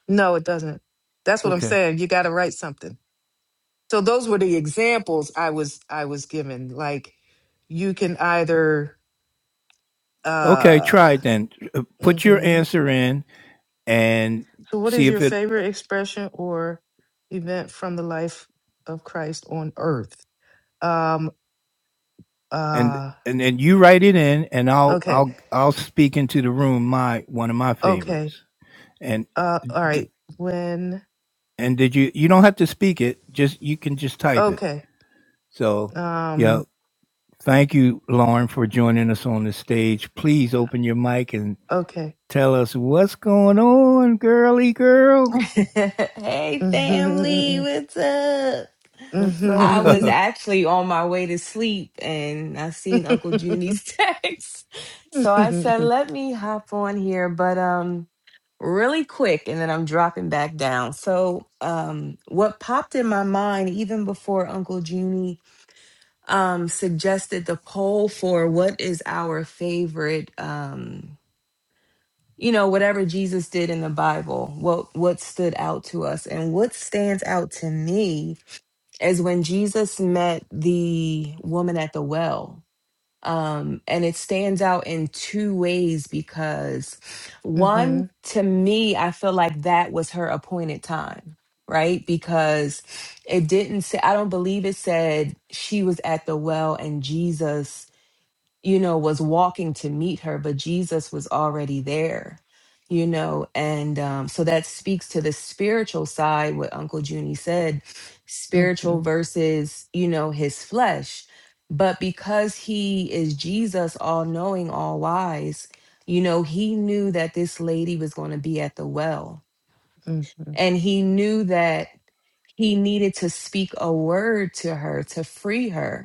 S3: no, it doesn't. That's what I'm
S2: Okay.
S3: saying. You got to write something. So those were the examples I was I was given. Like you can either
S2: Okay, try
S3: uh
S2: it then. Uh, Put your
S3: hmm
S2: answer in and
S3: So what
S2: see
S3: is your
S2: if it
S3: favorite expression or event from the life of Christ on earth? Um
S2: and
S3: uh
S2: and then you write it in and i'll
S3: okay.
S2: i'll i'll speak into the room my one of my
S3: Okay.
S2: favorites and
S3: Uh all
S2: d-
S3: right. When
S2: and did you you don't have to speak it just you can just type it
S3: okay.
S2: so yeah
S3: Um
S2: thank you lauren for joining us on the stage please open your mic and
S3: okay.
S2: tell us what's going on girly girl
S4: hey family,
S3: Mm-hmm.
S4: what's up?
S2: what's
S4: I
S2: up
S4: was actually on my way to sleep and I seen Uncle Junie's text.
S3: Mm-hmm.
S4: So I said, let me hop on here, but um really quick and then I'm dropping back down. So um what popped in my mind even before Uncle Junie um suggested the poll for what is our favorite um you know whatever jesus did in the bible what what stood out to us and what stands out to me is when jesus met the woman at the well um and it stands out in two ways because
S3: Mm-hmm.
S4: one to me i feel like that was her appointed time right because it didn't say i don't believe it said she was at the well and jesus you know, was walking to meet her, but Jesus was already there, you know. And um, so that speaks to the spiritual side, what Uncle Junie said spiritual
S3: Mm-hmm.
S4: versus, you know, his flesh. But because he is Jesus, all knowing, all wise, you know, he knew that this lady was going to be at the well. And he knew that he needed to speak a word to her to free her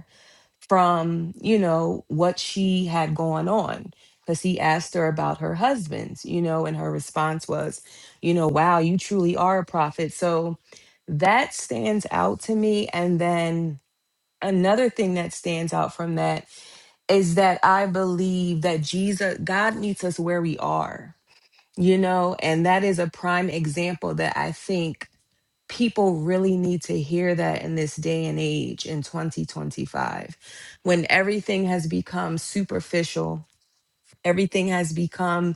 S4: from you know what she had going on because he asked her about her husband you know and her response was you know wow you truly are a prophet so that stands out to me and then another thing that stands out from that is that i believe that jesus god meets us where we are you know, and that is a prime example that I think people really need to hear that in this day and age in 2025 when everything has become superficial everything has become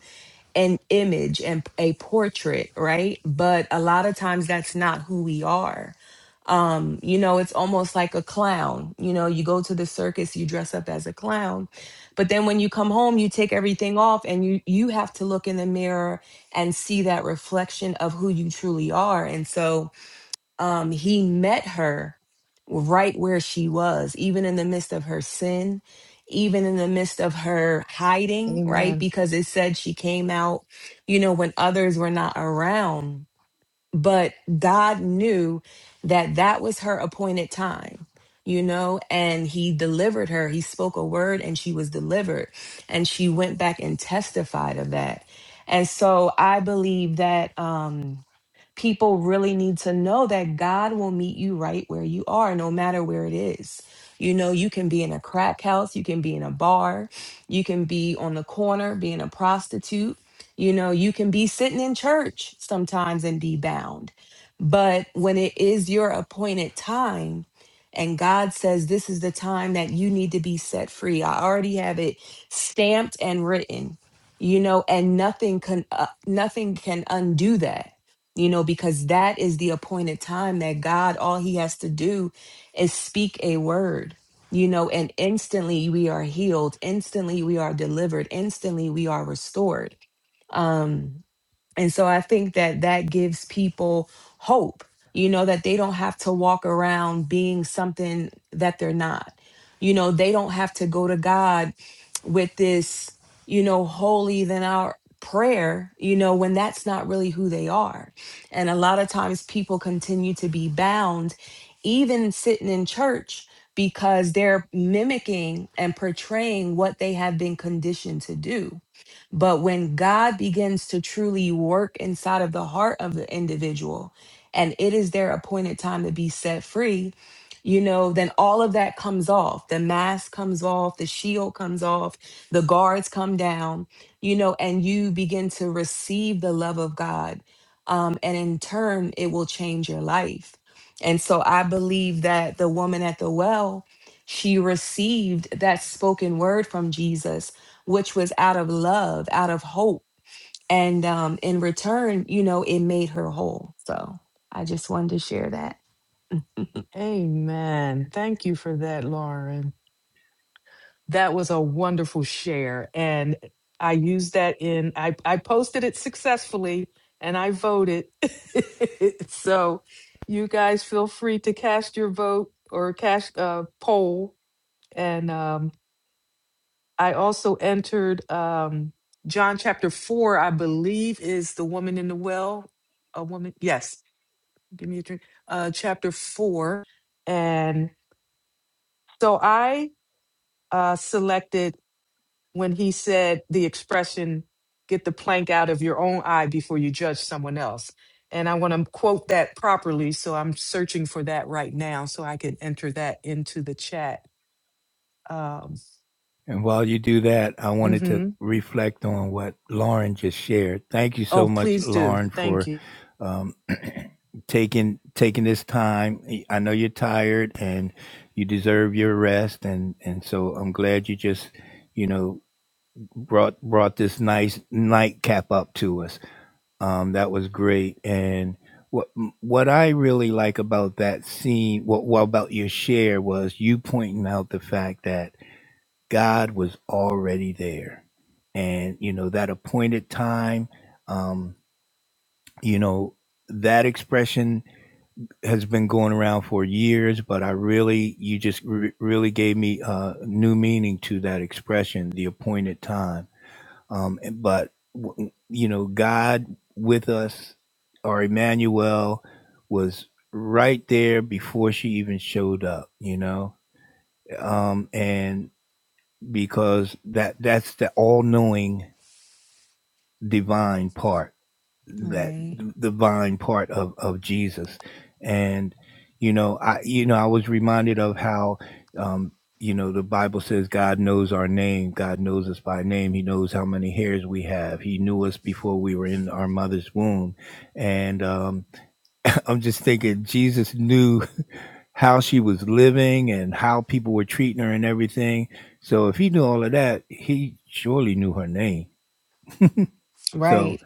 S4: an image and a portrait, right? But a lot of times that's not who we are. Um, you know, it's almost like a clown. You know, you go to the circus, you dress up as a clown, but then when you come home, you take everything off and you you have to look in the mirror and see that reflection of who you truly are. And so um, he met her right where she was, even in the midst of her sin, even in the midst of her hiding, right?
S3: Amen.
S4: Because it said she came out, you know, when others were not around. But God knew that that was her appointed time. You know, and he delivered her. He spoke a word and she was delivered. And she went back and testified of that. And so I believe that, Um, people really need to know that God will meet you right where you are, no matter where it is. You know, you can be in a crack house, you can be in a bar, you can be on the corner being a prostitute. You know, you can be sitting in church sometimes and be bound. But when it is your appointed time, and God says, This is the time that you need to be set free. I already have it stamped and written, you know, and nothing can, uh, nothing can undo that you know, because that is the appointed time that God, all he has to do is speak a word, you know, and instantly we are healed, instantly we are delivered, instantly we are restored. Um. And so I think that that gives people hope, you know, that they don't have to walk around being something that they're not. You know, they don't have to go to God with this, you know, holy than our prayer, you know, when that's not really who they are. And a lot of times people continue to be bound, even sitting in church, because they're mimicking and portraying what they have been conditioned to do but when God begins to truly work inside of the heart of the individual and it is their appointed time to be set free, you know, then all of that comes off. The mask comes off, the shield comes off, the guards come down, you know, and you begin to receive the love of God. Um, and in turn, it will change your life. And so I believe that the woman at the well, she received that spoken word from Jesus which was out of love, out of hope. And um, in return, you know, it made her whole. So I just wanted to share that.
S3: Amen. Thank you for that, Lauren. That was a wonderful share. And I used that in, I, I posted it successfully and I voted. so you guys feel free to cast your vote or cast a poll. And um, I also entered um, John chapter four, I believe, is the woman in the well. A woman, yes, give me a drink. Uh, chapter four. And so I uh, selected when he said the expression, get the plank out of your own eye before you judge someone else. And I want to quote that properly. So I'm searching for that right now so I can enter that into the chat. Um,
S2: And while you do that, I wanted to
S3: hmm
S2: reflect on what Lauren just shared. Thank you
S3: Oh,
S2: so much,
S3: please do.
S2: Lauren,
S3: Thank
S2: for
S3: you.
S2: um, taking taking this time. I know you're tired and you deserve your rest, and and so I'm glad you just you know brought brought this nice nightcap up to us. Um, that was great, and. What, what I really like about that scene, what, what about your share was you pointing out the fact that God was already there. And, you know, that appointed time, um, you know, that expression has been going around for years, but I really, you just re- really gave me uh, new meaning to that expression, the appointed time. Um, but, w- you know, God with us, or Emmanuel, was right there before she even showed up, you know? Um, and because that that's the all-knowing divine part that
S4: Right.
S2: divine part of of Jesus and you know I you know I was reminded of how um you know the Bible says God knows our name God knows us by name he knows how many hairs we have he knew us before we were in our mother's womb and um I'm just thinking Jesus knew how she was living and how people were treating her and everything. So if he knew all of that, he surely knew her name. So
S4: Right.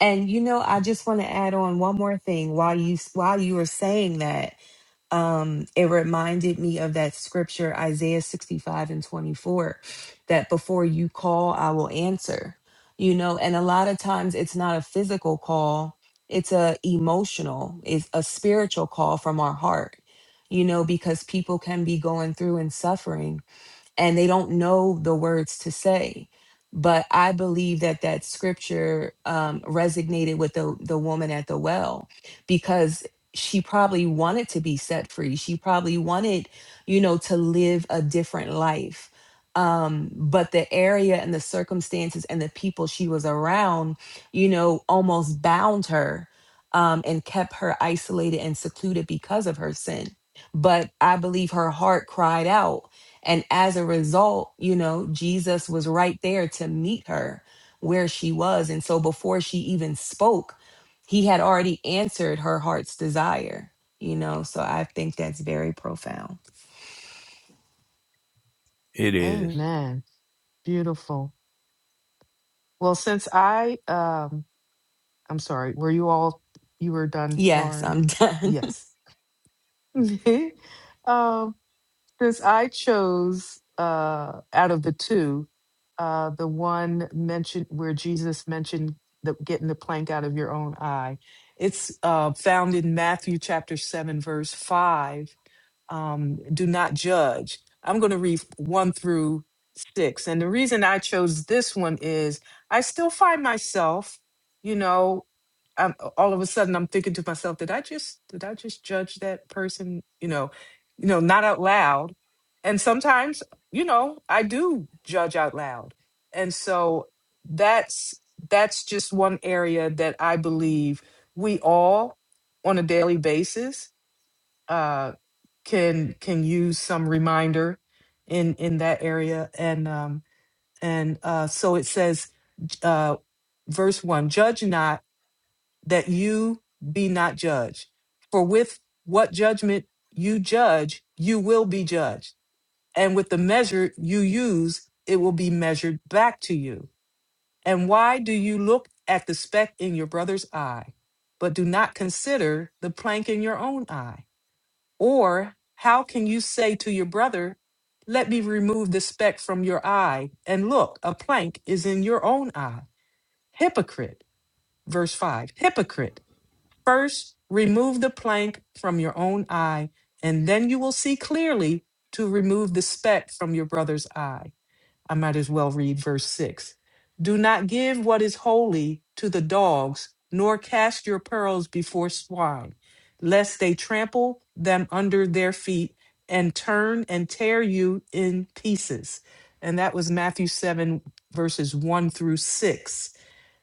S4: And you know, I just want to add on one more thing while you while you were saying that. um, it reminded me of that scripture, Isaiah 65 and 24, that before you call, I will answer. You know, and a lot of times it's not a physical call, it's a emotional, it's a spiritual call from our heart, you know, because people can be going through and suffering and they don't know the words to say. But I believe that that scripture um, resonated with the, the woman at the well because she probably wanted to be set free. She probably wanted, you know, to live a different life. Um, but the area and the circumstances and the people she was around, you know, almost bound her um, and kept her isolated and secluded because of her sin. But I believe her heart cried out and as a result, you know, Jesus was right there to meet her where she was. And so before she even spoke, he had already answered her heart's desire, you know. So I think that's very profound.
S2: it is.
S3: Amen. Beautiful. Well, since I, um, I'm sorry, were you all, you were done,
S4: Yes,
S3: Lauren?
S4: I'm done.
S3: Yes. um, Since I chose uh, out of the two, uh, the one mentioned where Jesus mentioned the, getting the plank out of your own eye. It's uh, found in Matthew chapter 7, verse 5. Um, Do not judge. I'm going to read 1 through 6. And the reason I chose this one is I still find myself, you know, I'm, all of a sudden I'm thinking to myself, did I just did I just judge that person? You know, you know, not out loud. And sometimes, you know, I do judge out loud. And so that's that's just one area that I believe we all on a daily basis uh can can use some reminder in in that area and um and uh so it says uh verse 1 judge not that you be not judged. For with what judgment you judge, you will be judged. And with the measure you use, it will be measured back to you. And why do you look at the speck in your brother's eye, but do not consider the plank in your own eye? Or how can you say to your brother, Let me remove the speck from your eye, and look, a plank is in your own eye? Hypocrite. Verse 5 Hypocrite. First, remove the plank from your own eye, and then you will see clearly to remove the speck from your brother's eye. I might as well read verse 6. Do not give what is holy to the dogs, nor cast your pearls before swine, lest they trample them under their feet and turn and tear you in pieces. And that was Matthew 7, verses 1 through 6.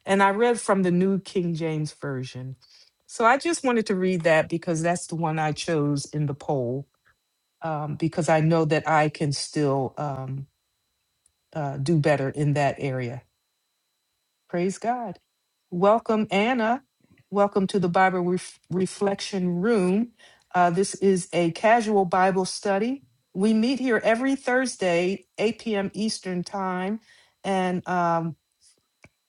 S3: And I read from the New King James Version. So I just wanted to read that because that's the one I chose in the poll, um, because I know that I can still um, uh, do better in that area. Praise God. Welcome, Anna. Welcome to the Bible Ref- Reflection Room. Uh, this is a casual Bible study. We meet here every Thursday, 8 p.m. Eastern Time. And um,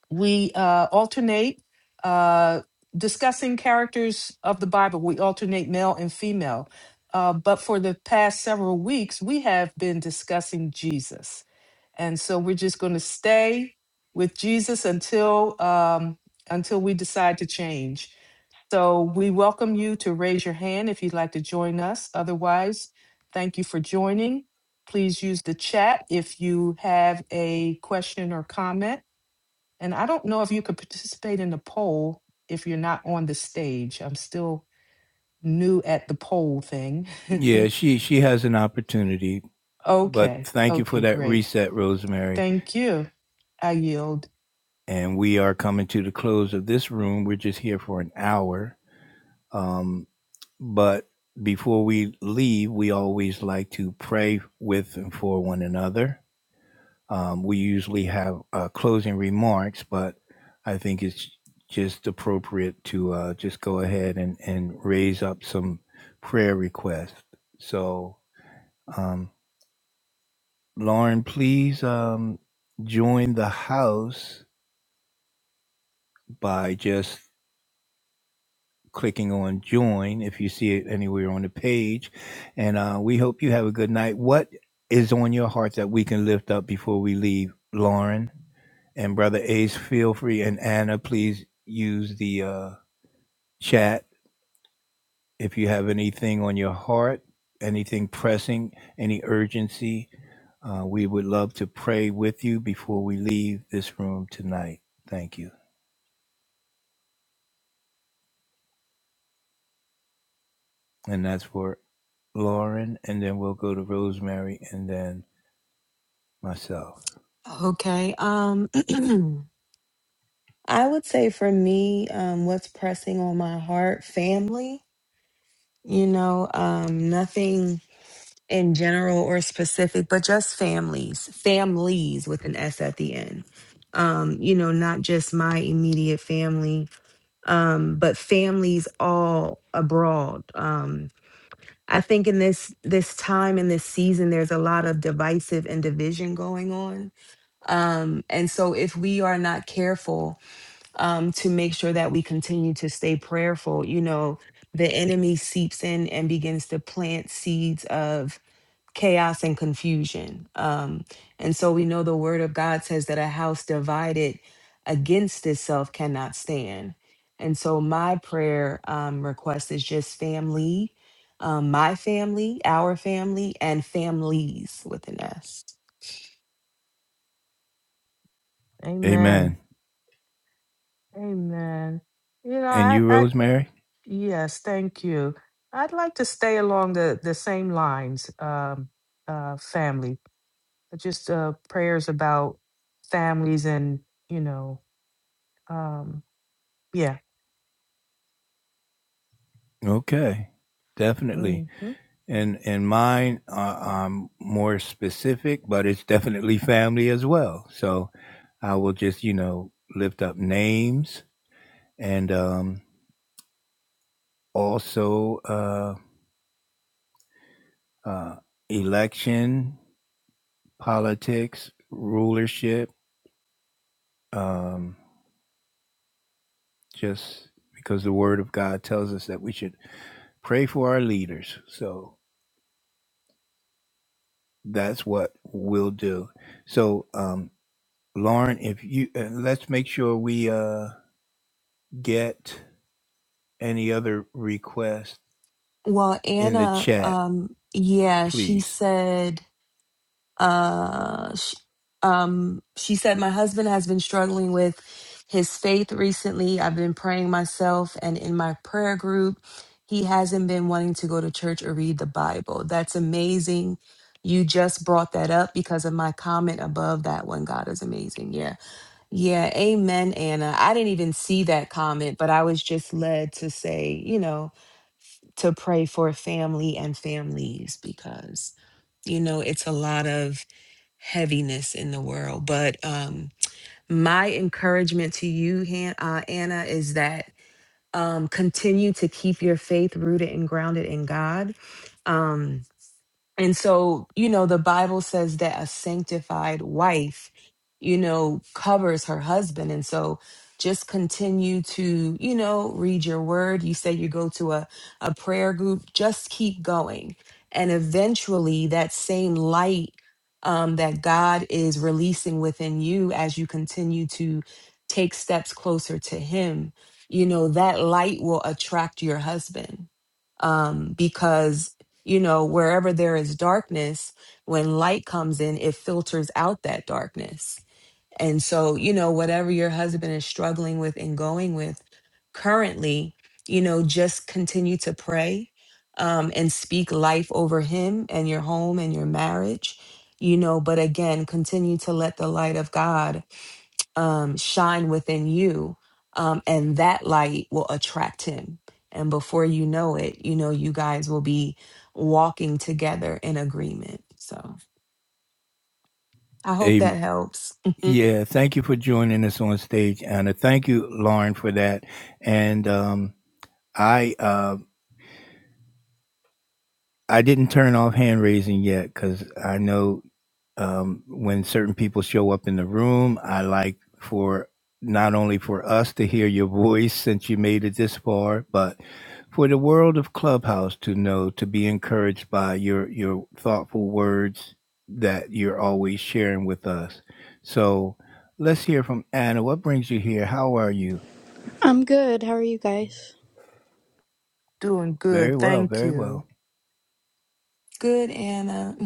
S3: we uh, alternate uh, discussing characters of the Bible. We alternate male and female. Uh, but for the past several weeks, we have been discussing Jesus. And so we're just going to stay with Jesus until um, until we decide to change. So we welcome you to raise your hand if you'd like to join us. Otherwise, thank you for joining. Please use the chat if you have a question or comment. And I don't know if you could participate in the poll if you're not on the stage. I'm still new at the poll thing.
S2: Yeah, she she has an opportunity. But
S3: okay.
S2: thank you for
S3: Okay,
S2: that
S3: great.
S2: reset, Rosemary.
S3: Thank you. I yield.
S2: And we are coming to the close of this room. We're just here for an hour. Um, but before we leave, we always like to pray with and for one another. Um, we usually have uh, closing remarks, but I think it's just appropriate to uh, just go ahead and, and raise up some prayer requests. So, um, Lauren, please um, join the house by just clicking on join if you see it anywhere on the page. And uh, we hope you have a good night. What is on your heart that we can lift up before we leave, Lauren? And Brother Ace, feel free. And Anna, please use the uh, chat if you have anything on your heart, anything pressing, any urgency. Uh, we would love to pray with you before we leave this room tonight. Thank you. And that's for Lauren. And then we'll go to Rosemary and then myself.
S4: okay. Um I would say for me, um what's pressing on my heart, family, you know, um nothing in general or specific, but just families, families with an S at the end. Um, you know, not just my immediate family, um, but families all abroad. Um, I think in this this time in this season, there's a lot of divisive and division going on, um, and so if we are not careful um, to make sure that we continue to stay prayerful, you know, the enemy seeps in and begins to plant seeds of chaos and confusion. Um, and so we know the word of God says that a house divided against itself cannot stand. And so my prayer um, request is just family, um, my family, our family, and families with an S.
S3: Amen.
S2: Amen.
S3: Amen. You know,
S2: And
S3: I,
S2: you,
S3: I
S2: Rosemary?
S3: yes, thank you. I'd like to stay along the, the same lines, um, uh, family. Just uh, prayers about families and, you know, um, yeah.
S2: Okay,
S3: hmm
S2: definitely. And and mine, uh, I'm more specific, but it's definitely family as well. So I will just, you know, lift up names and um, also uh, uh, election, politics, rulership. Um, just because the Word of God tells us that we should pray for our leaders. So that's what we'll do. So um, Lauren, if you uh, let's make sure we uh, get any other requests
S4: Well,
S2: in the
S4: Anna,
S2: chat,
S4: um, yeah, she
S2: please.
S4: said, uh, she, um, she said, my husband has been struggling with his faith recently. I've been praying myself and in my prayer group. He hasn't been wanting to go to church or read the Bible. That's amazing. You just brought that up because of my comment above that one. God is amazing. Yeah. Yeah. Amen, Anna. I didn't even see that comment, but I was just led to say, you know, to pray for family and families because you know it's a lot of heaviness in the world but um my encouragement to you Han- uh, anna is that um continue to keep your faith rooted and grounded in god um and so, you know, the Bible says that a sanctified wife, you know, covers her husband. And so just continue to, you know, read your word. You say you go to a, a prayer group, just keep going. And eventually that same light um, that God is releasing within you as you continue to take steps closer to Him, you know, that light will attract your husband um, because you know, wherever there is darkness, when light comes in, it filters out that darkness. And so, you know, whatever your husband is struggling with and going with currently, you know, just continue to pray um, and speak life over him and your home and your marriage, you know, but again, continue to let the light of God um, shine within you, um, and that light will attract him. And before you know it, you know, you guys will be walking together in agreement. So I hope that
S2: Um,
S4: helps.
S2: yeah, thank you for joining us on stage, Anna. Thank you, Lauren, for that. And um, I uh, I didn't turn off hand raising yet because I know um, when certain people show up in the room. I like for not only for us to hear your voice since you made it this far, but for the world of Clubhouse to know to be encouraged by your your thoughtful words that you're always sharing with us. So let's hear from Anna. What brings you here? How are you?
S5: I'm good. How are you guys?
S3: Doing
S2: Very
S3: good.
S2: well,
S3: Thank
S2: very
S3: you.
S2: well.
S4: Good, Anna.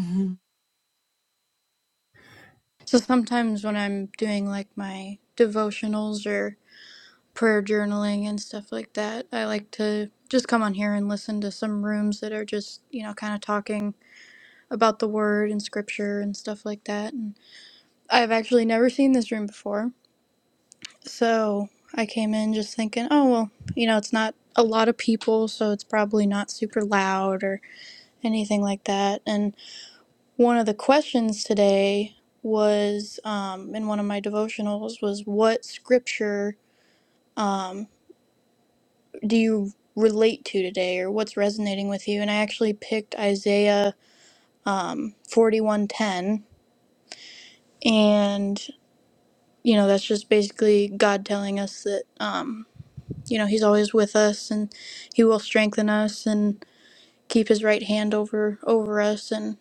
S5: So sometimes when I'm doing like my devotionals or prayer journaling and stuff like that, I like to just come on here and listen to some rooms that are just, you know, kind of talking about the word and scripture and stuff like that. And I've actually never seen this room before. So I came in just thinking, oh, well, you know, it's not a lot of people, so it's probably not super loud or anything like that. And One of the questions today was um, in one of my devotionals was what scripture um, do you relate to today or what's resonating with you? And I actually picked Isaiah um, 41:10 and you know that's just basically God telling us that um, you know he's always with us and he will strengthen us and keep his right hand over over us and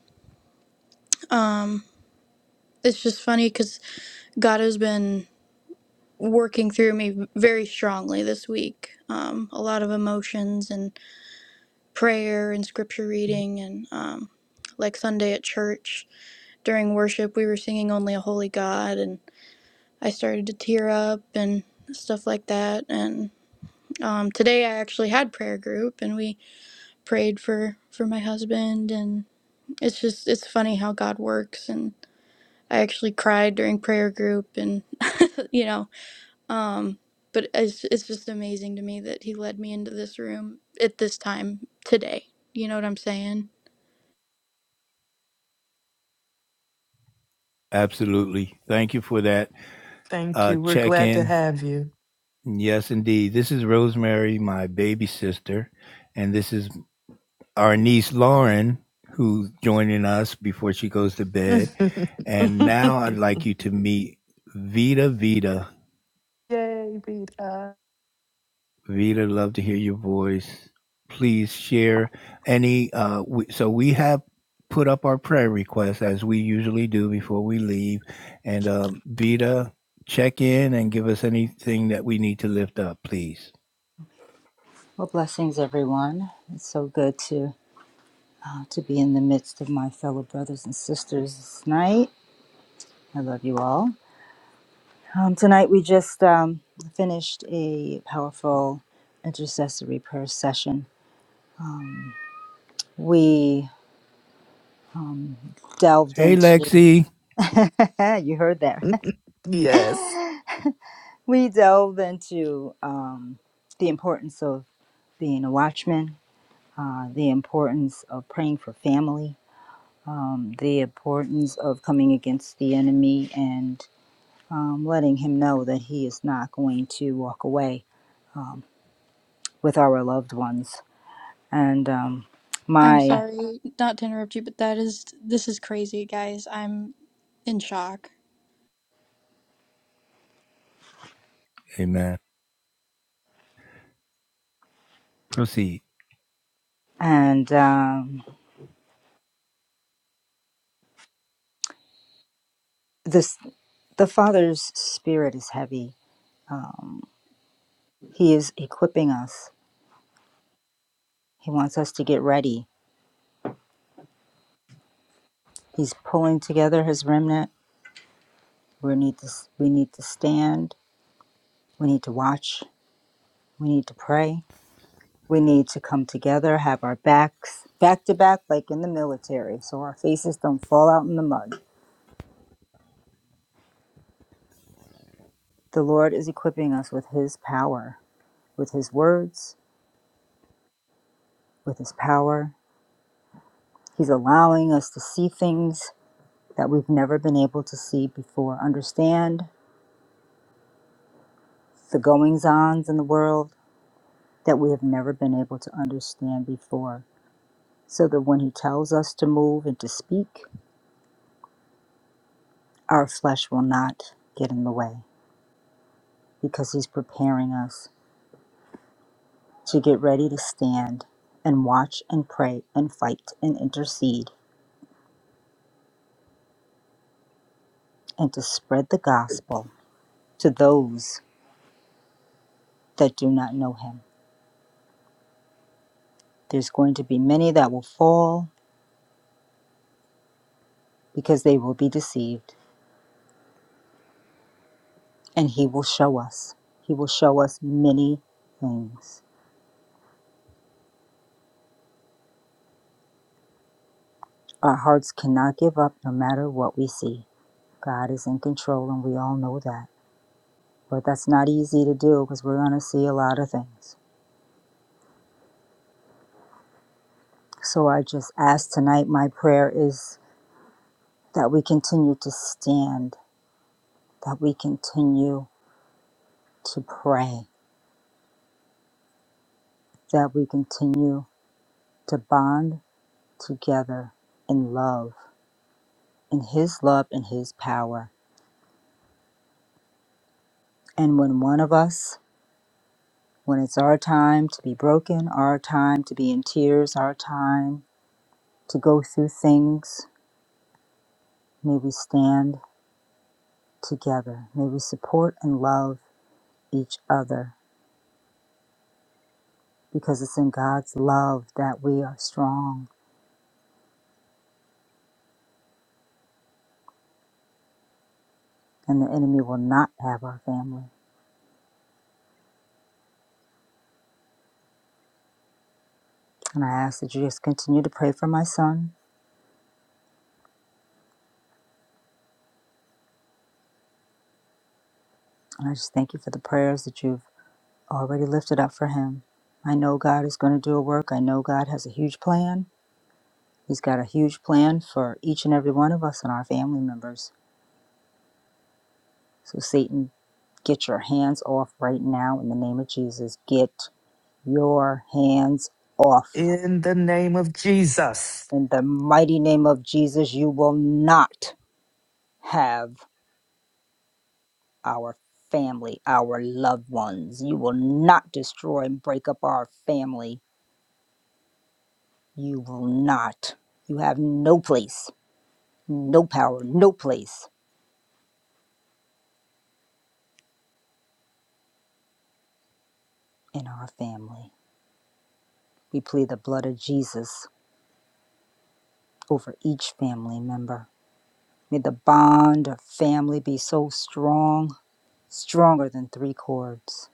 S5: um, it's just funny because God has been working through me very strongly this week. Um, a lot of emotions and prayer and scripture reading and um, like Sunday at church during worship, we were singing "Only a Holy God" and I started to tear up and stuff like that. And um, today I actually had prayer group and we prayed for for my husband and it's just it's funny how God works and I actually cried during prayer group and you know Um, but it's it's just amazing to me that he led me into this room at this time today. You know what I'm saying?
S2: Absolutely. Thank you for that
S3: Thank
S2: uh,
S3: you. We're
S2: check
S3: glad to
S2: in.
S3: have you.
S2: Yes, indeed. This is Rosemary, my baby sister, and this is our niece Lauren, who's joining us before she goes to bed.
S3: Yay,
S2: And now I'd like you to meet Vita Vita.
S3: Rita.
S2: Vita, love to hear your voice. Please share any. Uh, we, so we have put up our prayer requests as we usually do before we leave. And um, Vita, check in and give us anything that we need to lift up, please.
S6: Well, blessings, everyone. It's so good to uh, to be in the midst of my fellow brothers and sisters this night. I love you all. Um, tonight we just um, finished a powerful intercessory prayer session. We um, delved
S2: Hey,
S6: into.
S2: Lexi.
S6: you heard that.
S3: Yes.
S6: we delved into um, the importance of being a watchman, uh, the importance of praying for family, um, the importance of coming against the enemy and um, letting him know that he is not going to walk away with our loved ones. And um,
S5: I'm
S6: my
S5: sorry not to interrupt you, but that is this is crazy, guys. I'm in shock.
S2: Amen. Proceed
S6: and um, this the Father's spirit is heavy. Um, he is equipping us. He wants us to get ready. He's pulling together his remnant. We need to we need to stand. We need to watch. We need to pray we need to come together, have our backs back to back, like in the military, so our faces don't fall out in the mud. The Lord is equipping us with His power, with His words, with His power. He's allowing us to see things that we've never been able to see before, understand the goings ons in the world that we have never been able to understand before, so that when He tells us to move and to speak, our flesh will not get in the way because He's preparing us to get ready to stand and watch and pray and fight and intercede and to spread the gospel to those that do not know him. There's going to be many that will fall because they will be deceived, and he will show us. He will show us many things. Our hearts cannot give up no matter what we see. God is in control, and we all know that. But that's not easy to do because we're going to see a lot of things. So I just ask tonight, my prayer is that we continue to stand, that we continue to pray, that we continue to bond together in love, in His love and His power. And when one of us, when it's our time to be broken, our time to be in tears, our time to go through things, may we stand together. May we support and love each other because it's in God's love that we are strong and the enemy will not have our family. And I ask that you just continue to pray for my son. And I just thank you for the prayers that you've already lifted up for him. I know God is going to do a work. I know God has a huge plan. He's got a huge plan for each and every one of us and our family members. So, Satan, get your hands off right now in the name of Jesus. Get your hands off.
S3: In the name of Jesus.
S6: In the mighty name of Jesus, you will not have. our family, our loved ones. You will not destroy and break up our family. You will not. You have no place, no power, no place in our family. We plead the blood of Jesus over each family member. May the bond of family be so strong, stronger than three cords,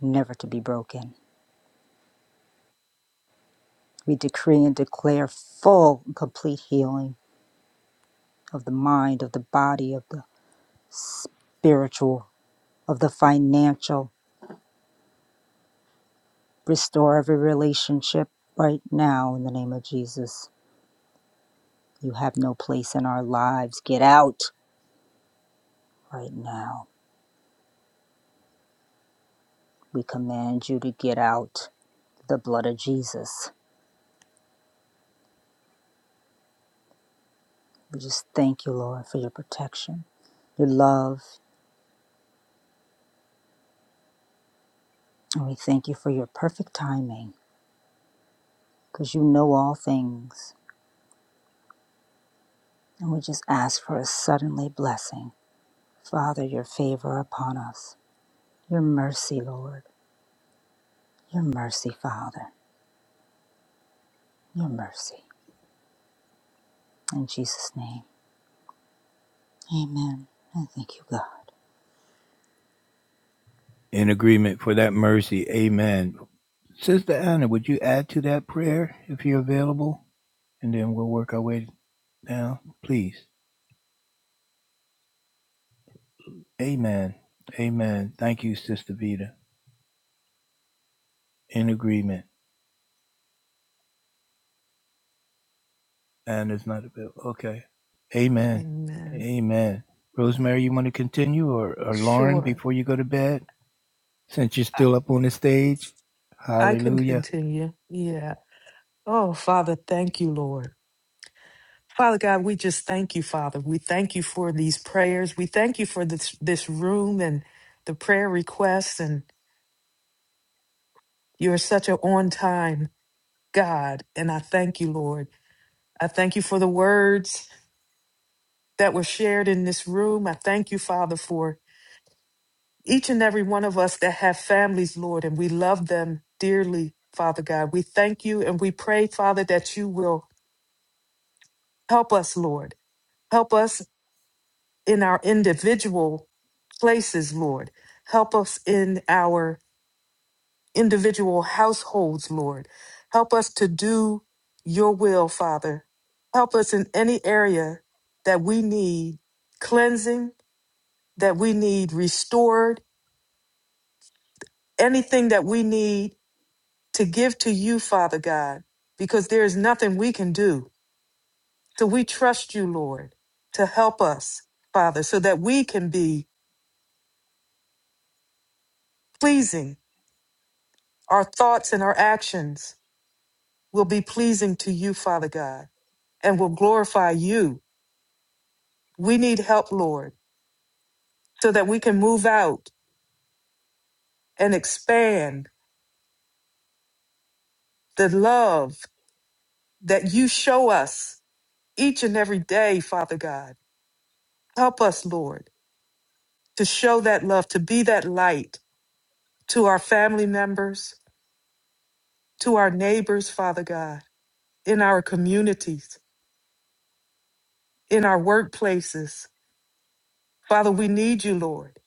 S6: never to be broken. We decree and declare full and complete healing of the mind, of the body, of the spiritual of the financial. Restore every relationship right now in the name of Jesus. You have no place in our lives. Get out right now. We command you to get out the blood of Jesus. We just thank you, Lord, for your protection, your love, and we thank you for your perfect timing because you know all things. And we just ask for a suddenly blessing. Father, your favor upon us, your mercy, Lord, your mercy, Father, your mercy. In Jesus' name, amen. And thank you, God.
S2: in agreement for that mercy. Amen. Sister Anna, would you add to that prayer if you're available? And then we'll work our way down, please. Amen. Amen. Thank you, Sister Vita. In agreement. Anna's not available. Okay. Amen.
S3: Amen.
S2: Amen. Rosemary, you want to continue or, or Lauren
S3: Sure.
S2: before you go to bed? Since you're
S3: I,
S2: still up on the stage?
S3: I can
S2: Hallelujah.
S3: continue. Yeah. Oh, Father, thank you, Lord. Father God, we just thank you, Father. We thank you for these prayers. We thank you for this, this room and the prayer requests. And you're such an on time God. And I thank you, Lord. I thank you for the words that were shared in this room. I thank you, Father, for each and every one of us that have families, Lord, and we love them dearly, Father God. We thank you and we pray, Father, that you will help us, Lord. Help us in our individual places, Lord. Help us in our individual households, Lord. Help us to do your will, Father. Help us in any area that we need cleansing, that we need restored, anything that we need to give to you, Father God, because there is nothing we can do. So we trust you, Lord, to help us, Father, so that we can be pleasing. Our thoughts and our actions will be pleasing to you, Father God, and will glorify you. We need help, Lord, so that we can move out and expand the love that you show us each and every day, Father God. Help us, Lord to show that love, to be that light to our family members, to our neighbors, Father God, in our communities, in our workplaces. Father, we need you, Lord.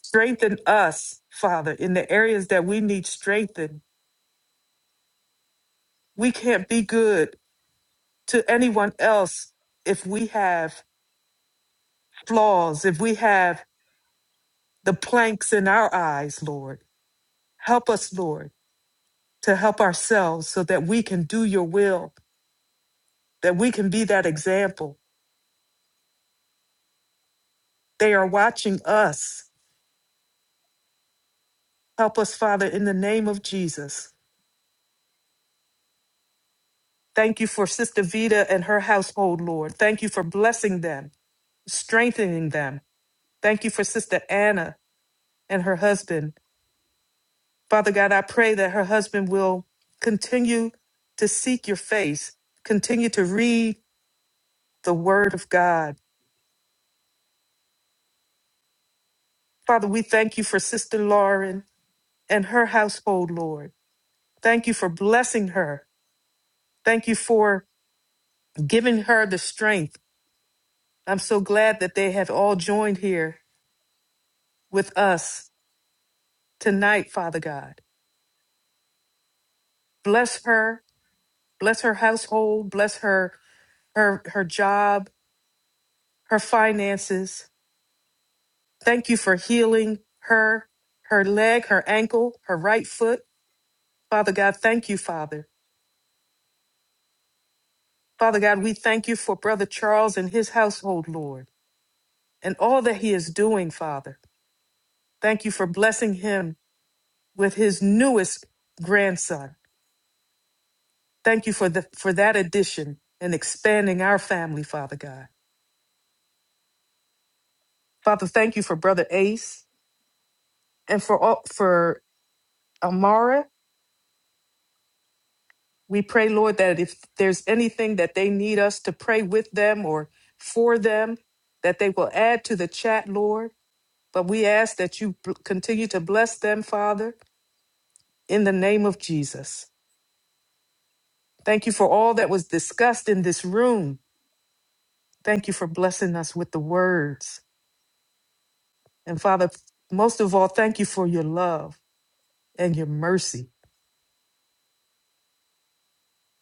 S3: Strengthen us, Father, in the areas that we need strengthened. We can't be good to anyone else if we have flaws, if we have the planks in our eyes, Lord. Help us, Lord, to help ourselves so that we can do your will, that we can be that example They are watching us. Help us, Father, in the name of Jesus. Thank you for Sister Vida and her household, Lord. Thank you for blessing them, strengthening them. Thank you for Sister Anna and her husband. Father God, I pray that her husband will continue to seek your face, continue to read the word of God. Father, we thank you for Sister Lauren and her household, Lord. Thank you for blessing her. Thank you for giving her the strength I'm so glad that they have all joined here with us tonight, Father God. Bless her, bless her household, bless her her her job, her finances. Thank you for healing her, her leg, her ankle, her right foot. Father God, thank you, Father. Father God, we thank you for Brother Charles and his household, Lord, and all that he is doing, Father. Thank you for blessing him with his newest grandson. Thank you for the for that addition and expanding our family, Father God. Father, thank you for Brother Ace and for all, for Amara. We pray, Lord, that if there's anything that they need us to pray with them or for them, that they will add to the chat, Lord. But we ask that you b- continue to bless them, Father, in the name of Jesus. Thank you for all that was discussed in this room. Thank you for blessing us with the words. And Father, most of all, thank you for your love. and your mercy.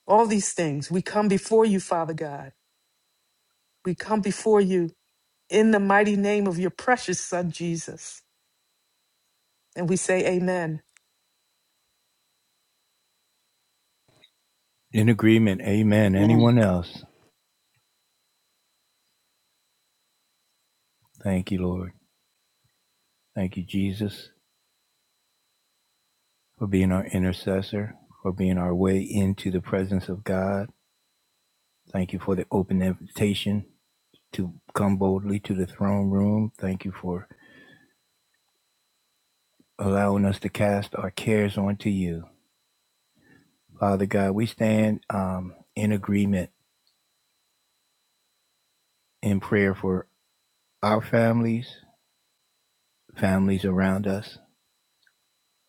S3: All these things. We come before you, Father God. We come before you in the mighty name of your precious Son, Jesus. And we say, Amen.
S2: In agreement. Amen.
S6: Amen.
S2: Anyone else? Thank you, Lord. Thank you, Jesus, for being our intercessor, for being our way into the presence of God Thank you for the open invitation to come boldly to the throne room. Thank you for allowing us to cast our cares onto you. Father God, we stand um, in agreement in prayer for our families, families around us,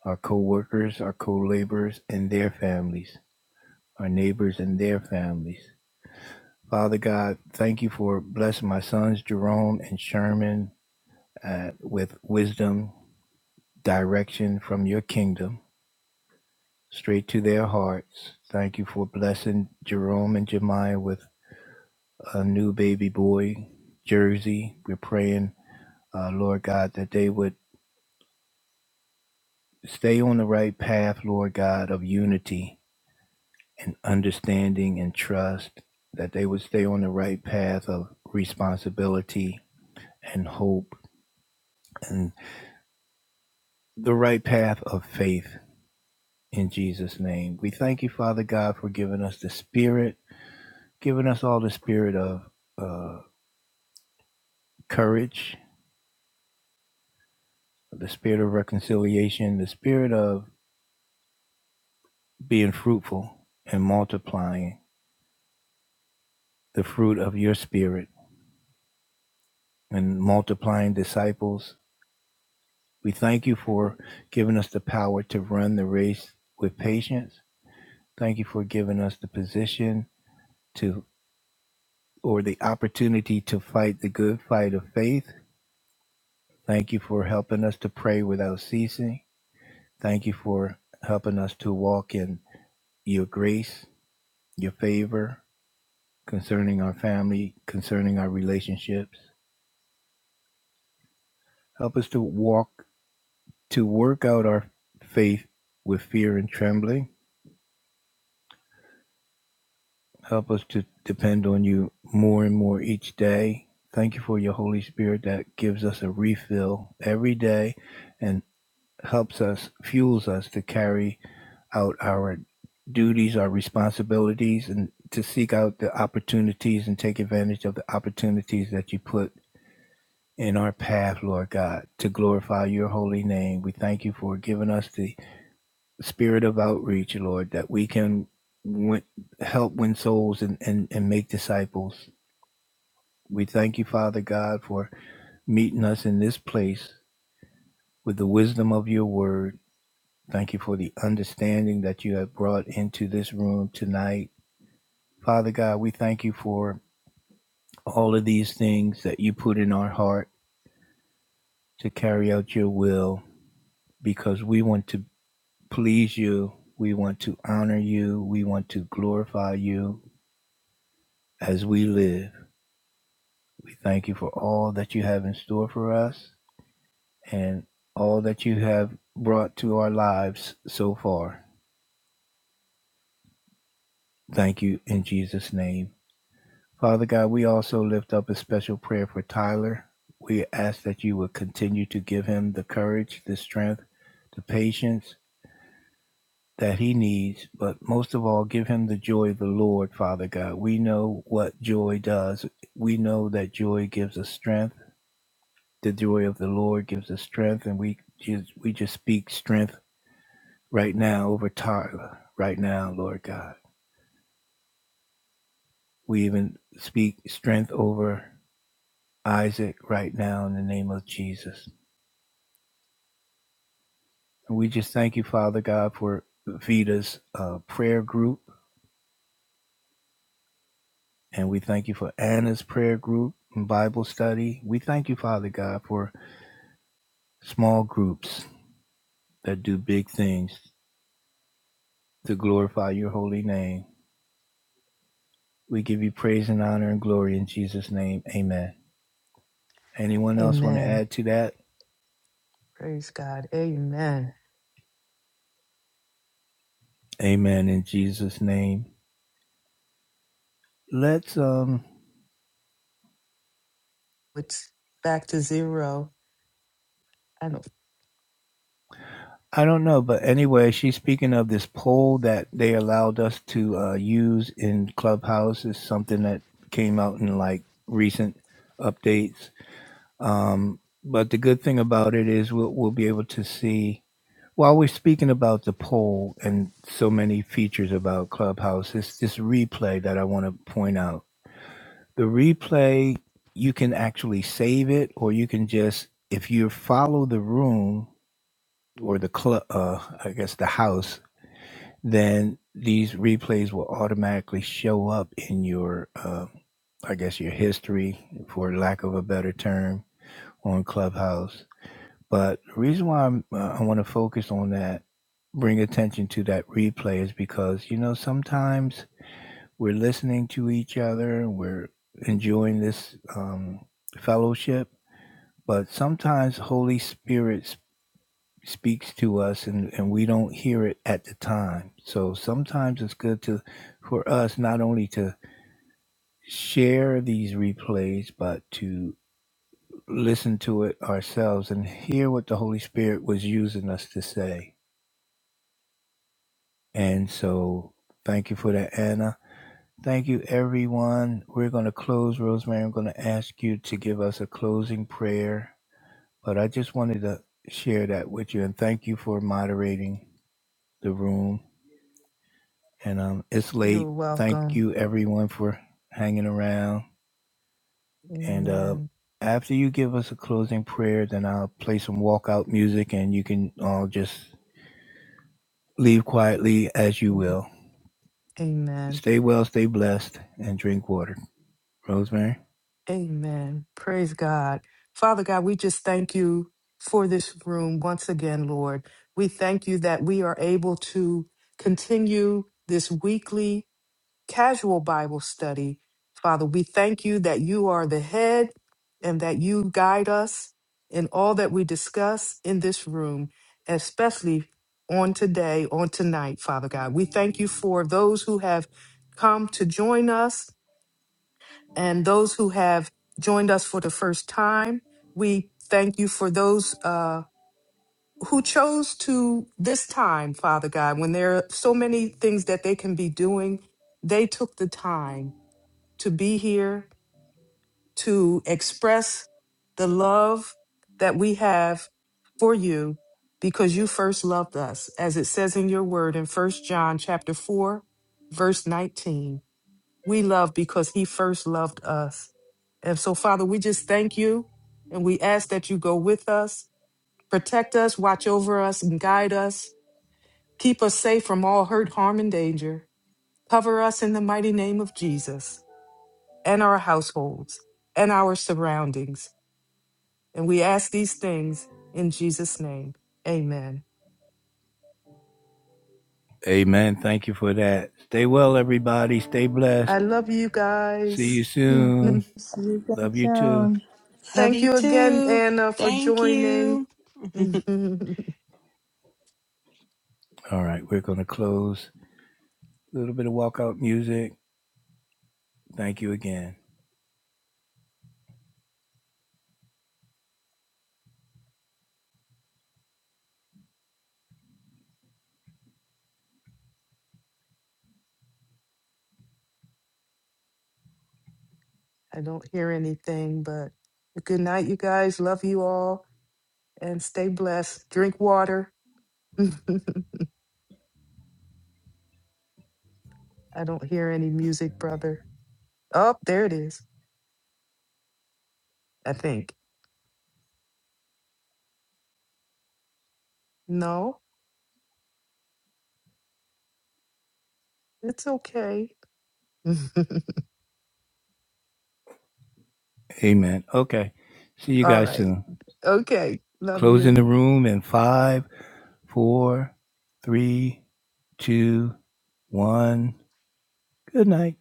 S2: our co workers, our co laborers, and their families, our neighbors and their families. Father God, thank you for blessing my sons, Jerome and Sherman, uh, with wisdom, direction from your kingdom. straight to their hearts. Thank you for blessing Jerome and Jemiah with a new baby boy, Jersey. We're praying, uh, Lord God, that they would stay on the right path, Lord God, of unity and understanding and trust, that they would stay on the right path of responsibility and hope and the right path of faith in Jesus' name. We thank you, Father God, for giving us the spirit, giving us all the spirit of. Uh, courage the spirit of reconciliation, the spirit of being fruitful and multiplying the fruit of your spirit and multiplying disciples. We thank you for giving us the power to run the race with patience. Thank you for giving us the position to or the opportunity to fight the good fight of faith. Thank you for helping us to pray without ceasing. Thank you for helping us to walk in your grace, your favor, concerning our family, concerning our relationships. Help us to walk, to work out our faith with fear and trembling. Help us to depend on you more and more each day. Thank you for your Holy Spirit that gives us a refill every day and helps us, fuels us to carry out our duties, our responsibilities, and to seek out the opportunities and take advantage of the opportunities that you put in our path, Lord God, to glorify your holy name. We thank you for giving us the spirit of outreach, Lord, that we can win, help win souls and, and, and make disciples. We thank you, Father God, for meeting us in this place with the wisdom of your word. Thank you for the understanding that you have brought into this room tonight. Father God, we thank you for all of these things that you put in our heart to carry out your will because we want to please you. We want to honor you. We want to glorify you as we live. We thank you for all that you have in store for us and all that you have brought to our lives so far. Thank you in Jesus' name. Father God, we also lift up a special prayer for Tyler. We ask that you would continue to give him the courage, the strength, the patience, that he needs, but most of all, give him the joy of the Lord, Father God. We know what joy does. We know that joy gives us strength. The joy of the Lord gives us strength, and we just we just speak strength right now over Tyler, right now, Lord God. We even speak strength over Isaac right now in the name of Jesus. And we just thank you, Father God, for Vita's uh, prayer group And we thank you for Anna's prayer group and Bible study. We thank you, Father God, for small groups that do big things to glorify your holy name. We give you praise and honor and glory in Jesus' name. Amen. Anyone else want to
S3: Amen.
S2: add to that?
S3: Praise God. Amen.
S2: Amen in Jesus' name. Let's um
S3: It's back to zero. I know
S2: I don't know, but anyway, she's speaking of this poll that they allowed us to uh, use in Clubhouse is something that came out in like recent updates Um, but the good thing about it is we'll, we'll be able to see while we're speaking about the poll and so many features about Clubhouse, it's this replay that I want to point out. The replay, you can actually save it, or you can just, if you follow the room or the club, uh, I guess the house, then these replays will automatically show up in your, uh, I guess, your history, for lack of a better term, on Clubhouse But the reason why I'm, uh, I want to focus on that, bring attention to that replay, is because, you know, sometimes we're listening to each other we're enjoying this um, fellowship, but sometimes Holy Spirit s- speaks to us and, and we don't hear it at the time. So sometimes it's good to for us not only to share these replays, but to listen to it ourselves and hear what the Holy Spirit was using us to say. And so thank you for that, Anna. Thank you, everyone. We're going to close. Rosemary, I'm going to ask you to give us a closing prayer. But I just wanted to share that with you and thank you for moderating the room. And um, it's
S3: you're
S2: late. Thank
S3: welcome.
S2: you, everyone, for hanging around. And uh,
S3: Amen.
S2: after you give us a closing prayer, then I'll play some walkout music and you can all just leave quietly as you will.
S3: Amen.
S2: Stay well, stay blessed, and drink water. Rosemary?
S3: Amen. Praise God. Father God, we just thank you for this room once again, Lord. We thank you that we are able to continue this weekly casual Bible study. Father, we thank you that you are the head and that you guide us in all that we discuss in this room, especially on today, on tonight, Father God. We thank you for those who have come to join us and those who have joined us for the first time. We thank you for those uh, who chose to this time, Father God, when there are so many things that they can be doing. They took the time to be here to express the love that we have for you because you first loved us as it says in your word in First John chapter 4 verse 19 we love because he first loved us and so father we just thank you and we ask that you go with us protect us watch over us and guide us keep us safe from all hurt harm and danger cover us in the mighty name of Jesus and our households and our surroundings. And we ask these things in Jesus' name. Amen.
S2: Amen. Thank you for that. Stay well, everybody. Stay blessed.
S3: I love you
S2: See you
S3: guys.
S2: soon.
S3: Mhm.
S6: See you again
S2: Love you too.
S6: soon.
S4: Love
S3: Thank
S4: you
S3: you again,
S4: too.
S3: Anna, for
S4: Thank
S3: joining.
S4: you.
S3: Mhm.
S2: All right, we're going to close. A little bit of walkout music. Thank you again.
S3: I don't hear anything, but good night, you guys. Love you all and stay blessed. Drink water. I don't hear any music, brother. Oh, there it is, I think. No, it's okay.
S2: Amen. Okay. See you
S3: All
S2: guys
S3: right.
S2: soon.
S3: Okay. Love
S2: Closing
S3: you.
S2: the room in five, four, three, two, one. Good night.